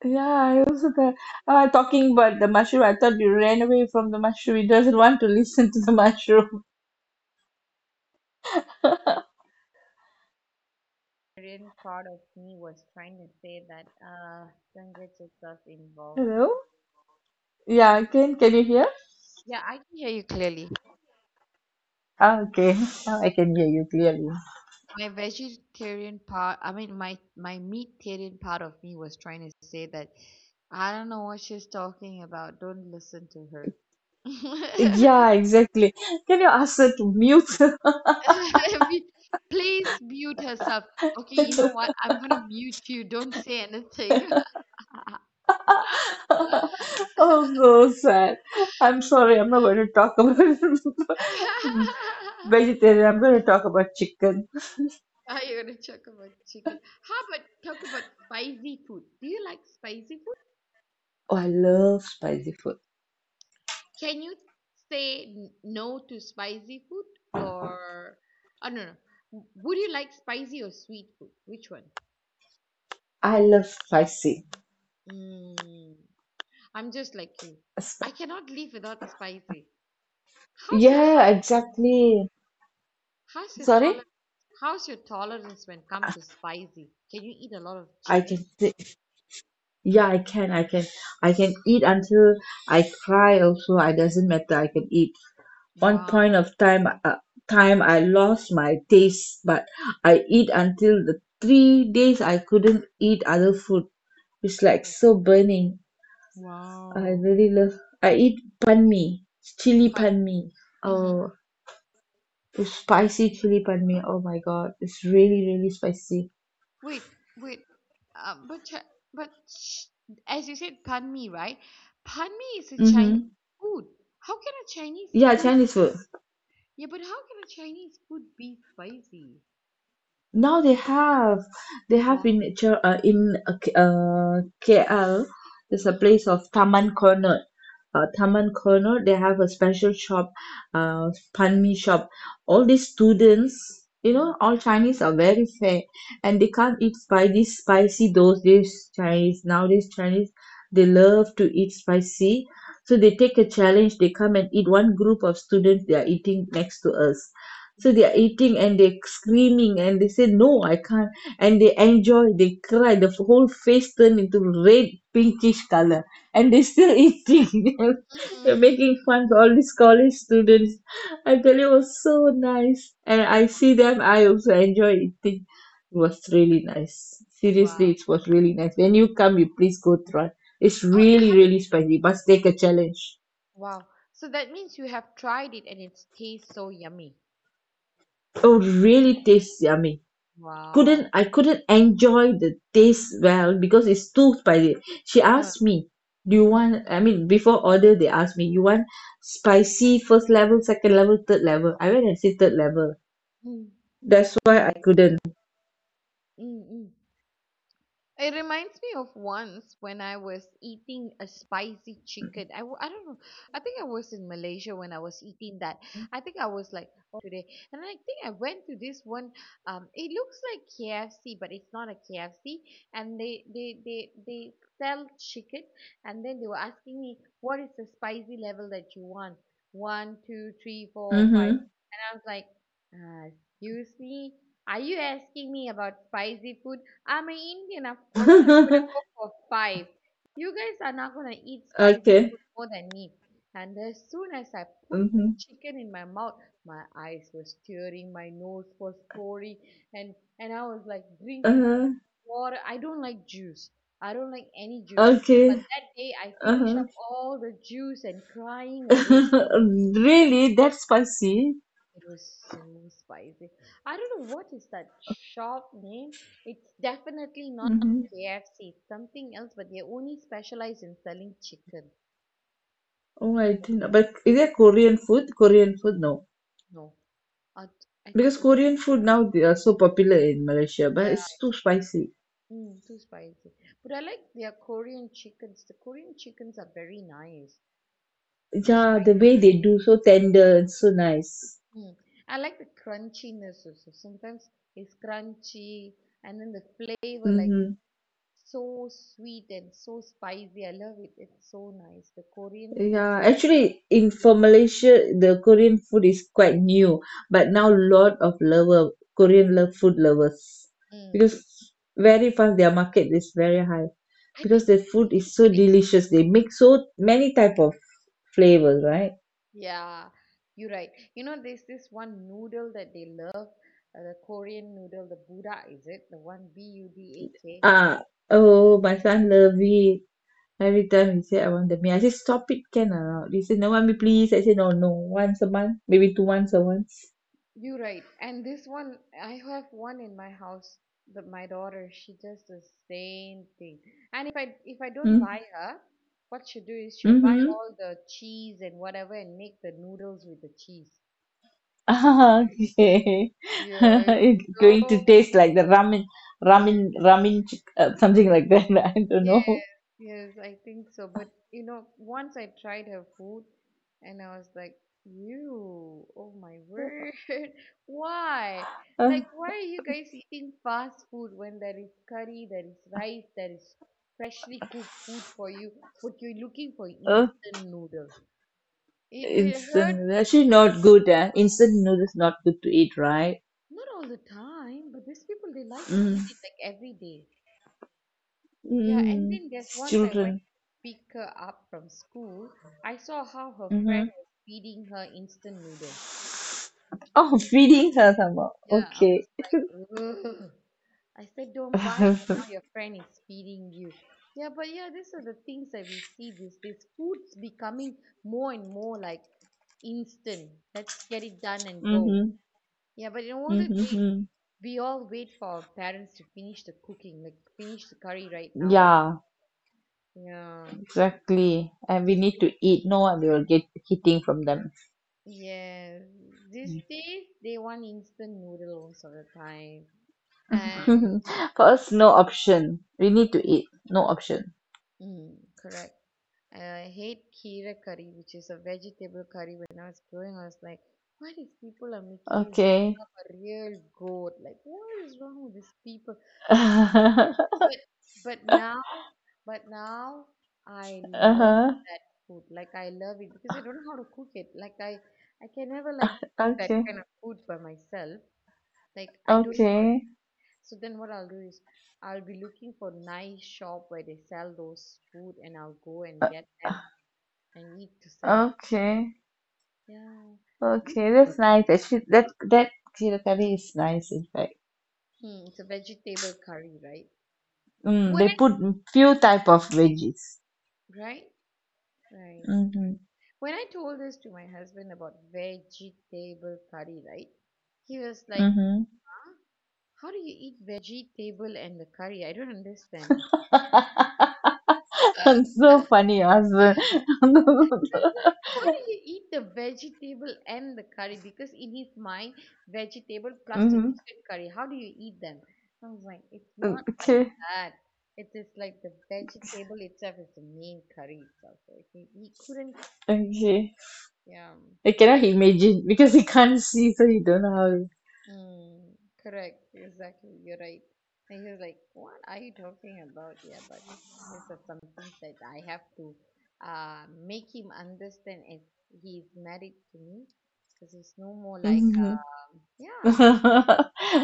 Speaker 2: Yeah, I also thought, talking about the mushroom. I thought you ran away from the mushroom. He doesn't want to listen to the mushroom.
Speaker 1: Korean part of me was trying to say that don't get yourself involved.
Speaker 2: Hello? Yeah, can you hear?
Speaker 1: Yeah, I can hear you clearly.
Speaker 2: Ah, okay, now I can hear you clearly.
Speaker 1: My vegetarian part, I mean, my meatarian part of me was trying to say that I don't know what she's talking about. Don't listen to her.
Speaker 2: Yeah, exactly. Can you ask her to mute?
Speaker 1: Be- Please mute herself. Okay, you know what? I'm gonna mute you. Don't say anything.
Speaker 2: Oh, so sad. I'm sorry, I'm not going to talk about vegetarian. I'm going to talk about chicken.
Speaker 1: Are you gonna talk about chicken? How about talk about spicy food? Do you like spicy food?
Speaker 2: Oh, I love spicy food.
Speaker 1: Can you say no to spicy food or I don't know. Would you like spicy or sweet food? Which one?
Speaker 2: I love spicy.
Speaker 1: Mm, I'm just like you. I
Speaker 2: Sp-
Speaker 1: cannot live without spicy. How's your
Speaker 2: Yeah,
Speaker 1: heart?
Speaker 2: exactly.
Speaker 1: How's your
Speaker 2: Sorry?
Speaker 1: tolerance? How's your tolerance when come to spicy? Can you eat a lot of
Speaker 2: I
Speaker 1: chili?
Speaker 2: can say, yeah, I can eat until I cry also. It doesn't matter. I can eat. One point
Speaker 1: Wow.
Speaker 2: of time, I lost my taste, but I eat until the 3 days I couldn't eat other food. It's like so burning. I
Speaker 1: Wow.
Speaker 2: really love. I eat pan mi, chili
Speaker 1: Fun.
Speaker 2: pan mi.
Speaker 1: Mm-hmm.
Speaker 2: Oh, the spicy chili pan mi. Oh my God, it's really, really spicy.
Speaker 1: Wait, wait. But as you said, pan mi, right? Pan mi is a Chinese
Speaker 2: Mm-hmm.
Speaker 1: food. How can a Chinese
Speaker 2: Yeah,
Speaker 1: food?
Speaker 2: Chinese food.
Speaker 1: Yeah, but how can a Chinese food be spicy?
Speaker 2: Now they have
Speaker 1: Wow.
Speaker 2: in KL. There's a
Speaker 1: Uh-huh.
Speaker 2: place of Taman Corner. Taman Corner, they have a special shop, pan mi shop. All these students,
Speaker 1: Mm,
Speaker 2: all Chinese are very fair and they can't eat by this spicy those days Chinese. Nowadays Chinese, they love to eat spicy. So they take a challenge, they come and eat. One group of students, they are eating next to us.
Speaker 1: mm.
Speaker 2: So they are eating and they're screaming and they say, no, I can't. And they enjoy, they cry, the whole face turned into red pinkish color and they still eating them. They're
Speaker 1: Mhm.
Speaker 2: making fun for all these college students. I tell you, it was so nice. And
Speaker 1: Mm.
Speaker 2: I
Speaker 1: Wow.
Speaker 2: see them, I also enjoy eating. It was really nice. Seriously,
Speaker 1: Wow.
Speaker 2: it was really nice. When you come, you please go try. It's
Speaker 1: Oh,
Speaker 2: really,
Speaker 1: have you?
Speaker 2: really spicy. Must take a challenge.
Speaker 1: Wow. So that means you have tried it and it tastes so yummy.
Speaker 2: Oh, really tastes yummy. Couldn't
Speaker 1: Wow.
Speaker 2: I couldn't enjoy the taste well because it's too spicy. She
Speaker 1: Uh,
Speaker 2: asked me, do you
Speaker 1: mm,
Speaker 2: want, I mean, before order they asked me, you want spicy first level, second level, third level? I went and said third level.
Speaker 1: mm,
Speaker 2: That's why I
Speaker 1: mm,
Speaker 2: couldn't.
Speaker 1: mm, mm. It reminds me of once when I was eating a spicy chicken. I don't know. I think I was in Malaysia when I was eating that. I think I was like, oh man, I'm just gonna eat spicy food today. And I think I went to this one. It looks like KFC, but it's not a KFC. And they sell chicken. And then they were asking me what is the spicy level that you want? One, two, three, four, five.
Speaker 2: Mm-hmm.
Speaker 1: And I was like, excuse me. Are you asking me about spicy food? I'm an Indian. Of course, I'm gonna go for five. You guys are not gonna eat spicy
Speaker 2: Okay.
Speaker 1: food more than me. And as soon as I put the
Speaker 2: Mm-hmm.
Speaker 1: chicken in my mouth, my eyes were tearing, my nose was pouring, and I was like drinking
Speaker 2: Uh-huh.
Speaker 1: water. I don't like juice. I don't like any juice.
Speaker 2: Okay.
Speaker 1: But that day, I finished
Speaker 2: Uh-huh.
Speaker 1: up all the juice and crying away.
Speaker 2: Really that spicy.
Speaker 1: It was so spicy. I don't know what is that shop name. It's definitely not
Speaker 2: Mm-hmm.
Speaker 1: KFC. It's something else, but they only specialize in selling chicken.
Speaker 2: Oh, I didn't know. But is it Korean food? Korean food, no.
Speaker 1: No, I, I
Speaker 2: Because
Speaker 1: can't.
Speaker 2: Korean food now they are so popular in Malaysia, but
Speaker 1: Yeah,
Speaker 2: it's too spicy.
Speaker 1: mm, too spicy. But I like their Korean chickens. The Korean chickens are very nice,
Speaker 2: Yeah, the
Speaker 1: despite.
Speaker 2: way they do, so tender and so nice.
Speaker 1: Mm. I like the crunchiness also. Sometimes it's crunchy, and then the flavor like
Speaker 2: Mm-hmm.
Speaker 1: so sweet and so spicy. I love it. It's so nice. The Korean foods
Speaker 2: Yeah,
Speaker 1: are.
Speaker 2: actually, in for Malaysia, the Korean food is quite new, but
Speaker 1: Mm,
Speaker 2: now lot of lover Korean love food lovers
Speaker 1: mm.
Speaker 2: because very fast their market is very high
Speaker 1: I think
Speaker 2: because the food
Speaker 1: they look
Speaker 2: is so
Speaker 1: very
Speaker 2: delicious. They make so many type of flavors, right?
Speaker 1: healthy. Yeah, you're right. You know, there's this one noodle that they love, the Korean noodle, the Buddha, is it? The one BUDAK.
Speaker 2: Ah, oh, my son love it. Every time he say, I want the mee. I say, stop it, can or not? He say, no, want mee please. I say, no, no. Once a month, maybe two, once a, once.
Speaker 1: You're right. And this one, I have one in my house. That my daughter, she does the same thing. And if I don't buy
Speaker 2: Mm,
Speaker 1: her, what she'll do is she'll buy
Speaker 2: mm-hmm.
Speaker 1: all the cheese and whatever and make the noodles with the cheese.
Speaker 2: Ah, okay.
Speaker 1: Yeah, it's
Speaker 2: It's going to
Speaker 1: so.
Speaker 2: taste like the ramen, ramen, ramen, something like that. I don't know.
Speaker 1: Yes, yes, I think so. But you know, once I tried her food and I was like, "You, oh my word, why?
Speaker 2: uh,
Speaker 1: Like, why are you guys eating fast food when there is curry, there is rice, there is freshly cooked food for you, but you're looking for
Speaker 2: uh,
Speaker 1: instant noodle? It hurt
Speaker 2: Instant noodle. Actually not good eh? Instant noodles not good to eat right.
Speaker 1: not all the time, but these people they like to eat
Speaker 2: mm,
Speaker 1: it like every day. Yeah, and then there's
Speaker 2: it's
Speaker 1: once I went
Speaker 2: children.
Speaker 1: to pick her up from school, I saw how her
Speaker 2: Mm-hmm.
Speaker 1: friend was feeding her instant noodle.
Speaker 2: Oh,
Speaker 1: Mm.
Speaker 2: feeding her somehow.
Speaker 1: Yeah, I
Speaker 2: Okay.
Speaker 1: was like, ugh. I said, don't buy it, and
Speaker 2: Mm-hmm,
Speaker 1: now your friend is feeding you. Yeah, but yeah, these are the things that we see these days. Food's becoming more and more like instant. Let's get it done and go. Yeah, but in older days,
Speaker 2: mm-hmm.
Speaker 1: we all wait for our parents to finish the cooking, like finish the curry right now.
Speaker 2: Yeah,
Speaker 1: Yeah,
Speaker 2: exactly. And we
Speaker 1: this.
Speaker 2: need to eat. No, one will get hitting from them.
Speaker 1: Yes, these days they want instant noodle most of the time. And
Speaker 2: For us, no option. We need to eat. No option.
Speaker 1: mm, correct. I hate kheera curry, which is a vegetable curry. When I was growing, I was like, why these people are making me
Speaker 2: Okay.
Speaker 1: become a real goat? Like, what is wrong with these people? But but but now, but now I love
Speaker 2: Uh-huh.
Speaker 1: that food. Like I love it because I don't know how to cook it. Like I can never like cook that
Speaker 2: Okay.
Speaker 1: kind of food by myself. Like I don't know.
Speaker 2: Okay.
Speaker 1: So then what I'll do is I'll be looking for nice shop where they sell those food and I'll go and get them and eat to satisfy.
Speaker 2: Okay.
Speaker 1: Yeah. This
Speaker 2: Okay.
Speaker 1: is,
Speaker 2: That's nice. Actually, that kira curry is nice. In fact,
Speaker 1: mm, it's a vegetable curry, right? When
Speaker 2: they put few type of veggies.
Speaker 1: I, right? Right.
Speaker 2: Mm-hmm.
Speaker 1: When I told this to my husband about vegetable curry, right? He was like,
Speaker 2: Mm-hmm.
Speaker 1: huh? How do you eat vegetable and the curry? I don't understand.
Speaker 2: So funny, your husband.
Speaker 1: Like, how do you eat the vegetable and the curry? Because in his mind, vegetable plus the
Speaker 2: Mm-hmm.
Speaker 1: chicken curry, how do you eat them? I was like, it's not like
Speaker 2: Okay.
Speaker 1: that. It is like the vegetable itself is the main curry itself. So he couldn't,
Speaker 2: Okay.
Speaker 1: yeah.
Speaker 2: I cannot imagine because he can't see, so you don't know how.
Speaker 1: Mm, correct, exactly. You're right. And he was like, "What are you talking about?" Yeah, but these are some things that I have to make him understand as he's married to me, because he's no more like,
Speaker 2: Mhm.
Speaker 1: yeah,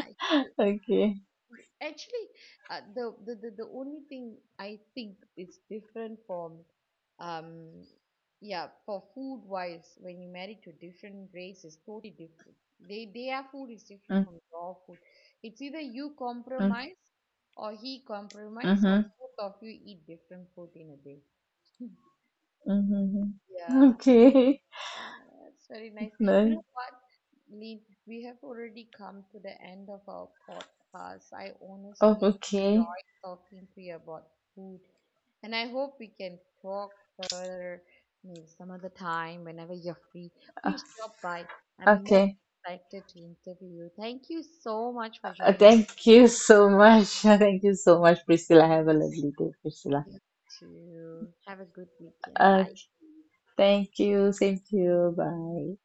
Speaker 1: uh, you
Speaker 2: Okay.
Speaker 1: Actually, the, only thing I think is different from, um, yeah, for food wise, when you marry to different race is totally different. They their food is different
Speaker 2: Mm,
Speaker 1: from your food. It's either you
Speaker 2: mm,
Speaker 1: compromise, or he compromise, or
Speaker 2: mhm,
Speaker 1: both of you eat different food in a day.
Speaker 2: mhm.
Speaker 1: Yeah,
Speaker 2: Okay.
Speaker 1: yeah, that's very nice. You
Speaker 2: No.
Speaker 1: know what? Lee, we have already come to the end of our podcast. I
Speaker 2: Oh,
Speaker 1: honestly
Speaker 2: okay.
Speaker 1: enjoyed talking to you about food, and I hope we can talk further maybe some other time whenever you're free.
Speaker 2: Uh,
Speaker 1: Please drop by. I'm most
Speaker 2: okay.
Speaker 1: excited to interview you. Thank you so much for joining.
Speaker 2: Thank you so much. Thank you so much, Priscilla. Have a lovely day, Priscilla.
Speaker 1: You too. Have a good weekend.
Speaker 2: Uh,
Speaker 1: Bye.
Speaker 2: Thank you. Same to you. Bye.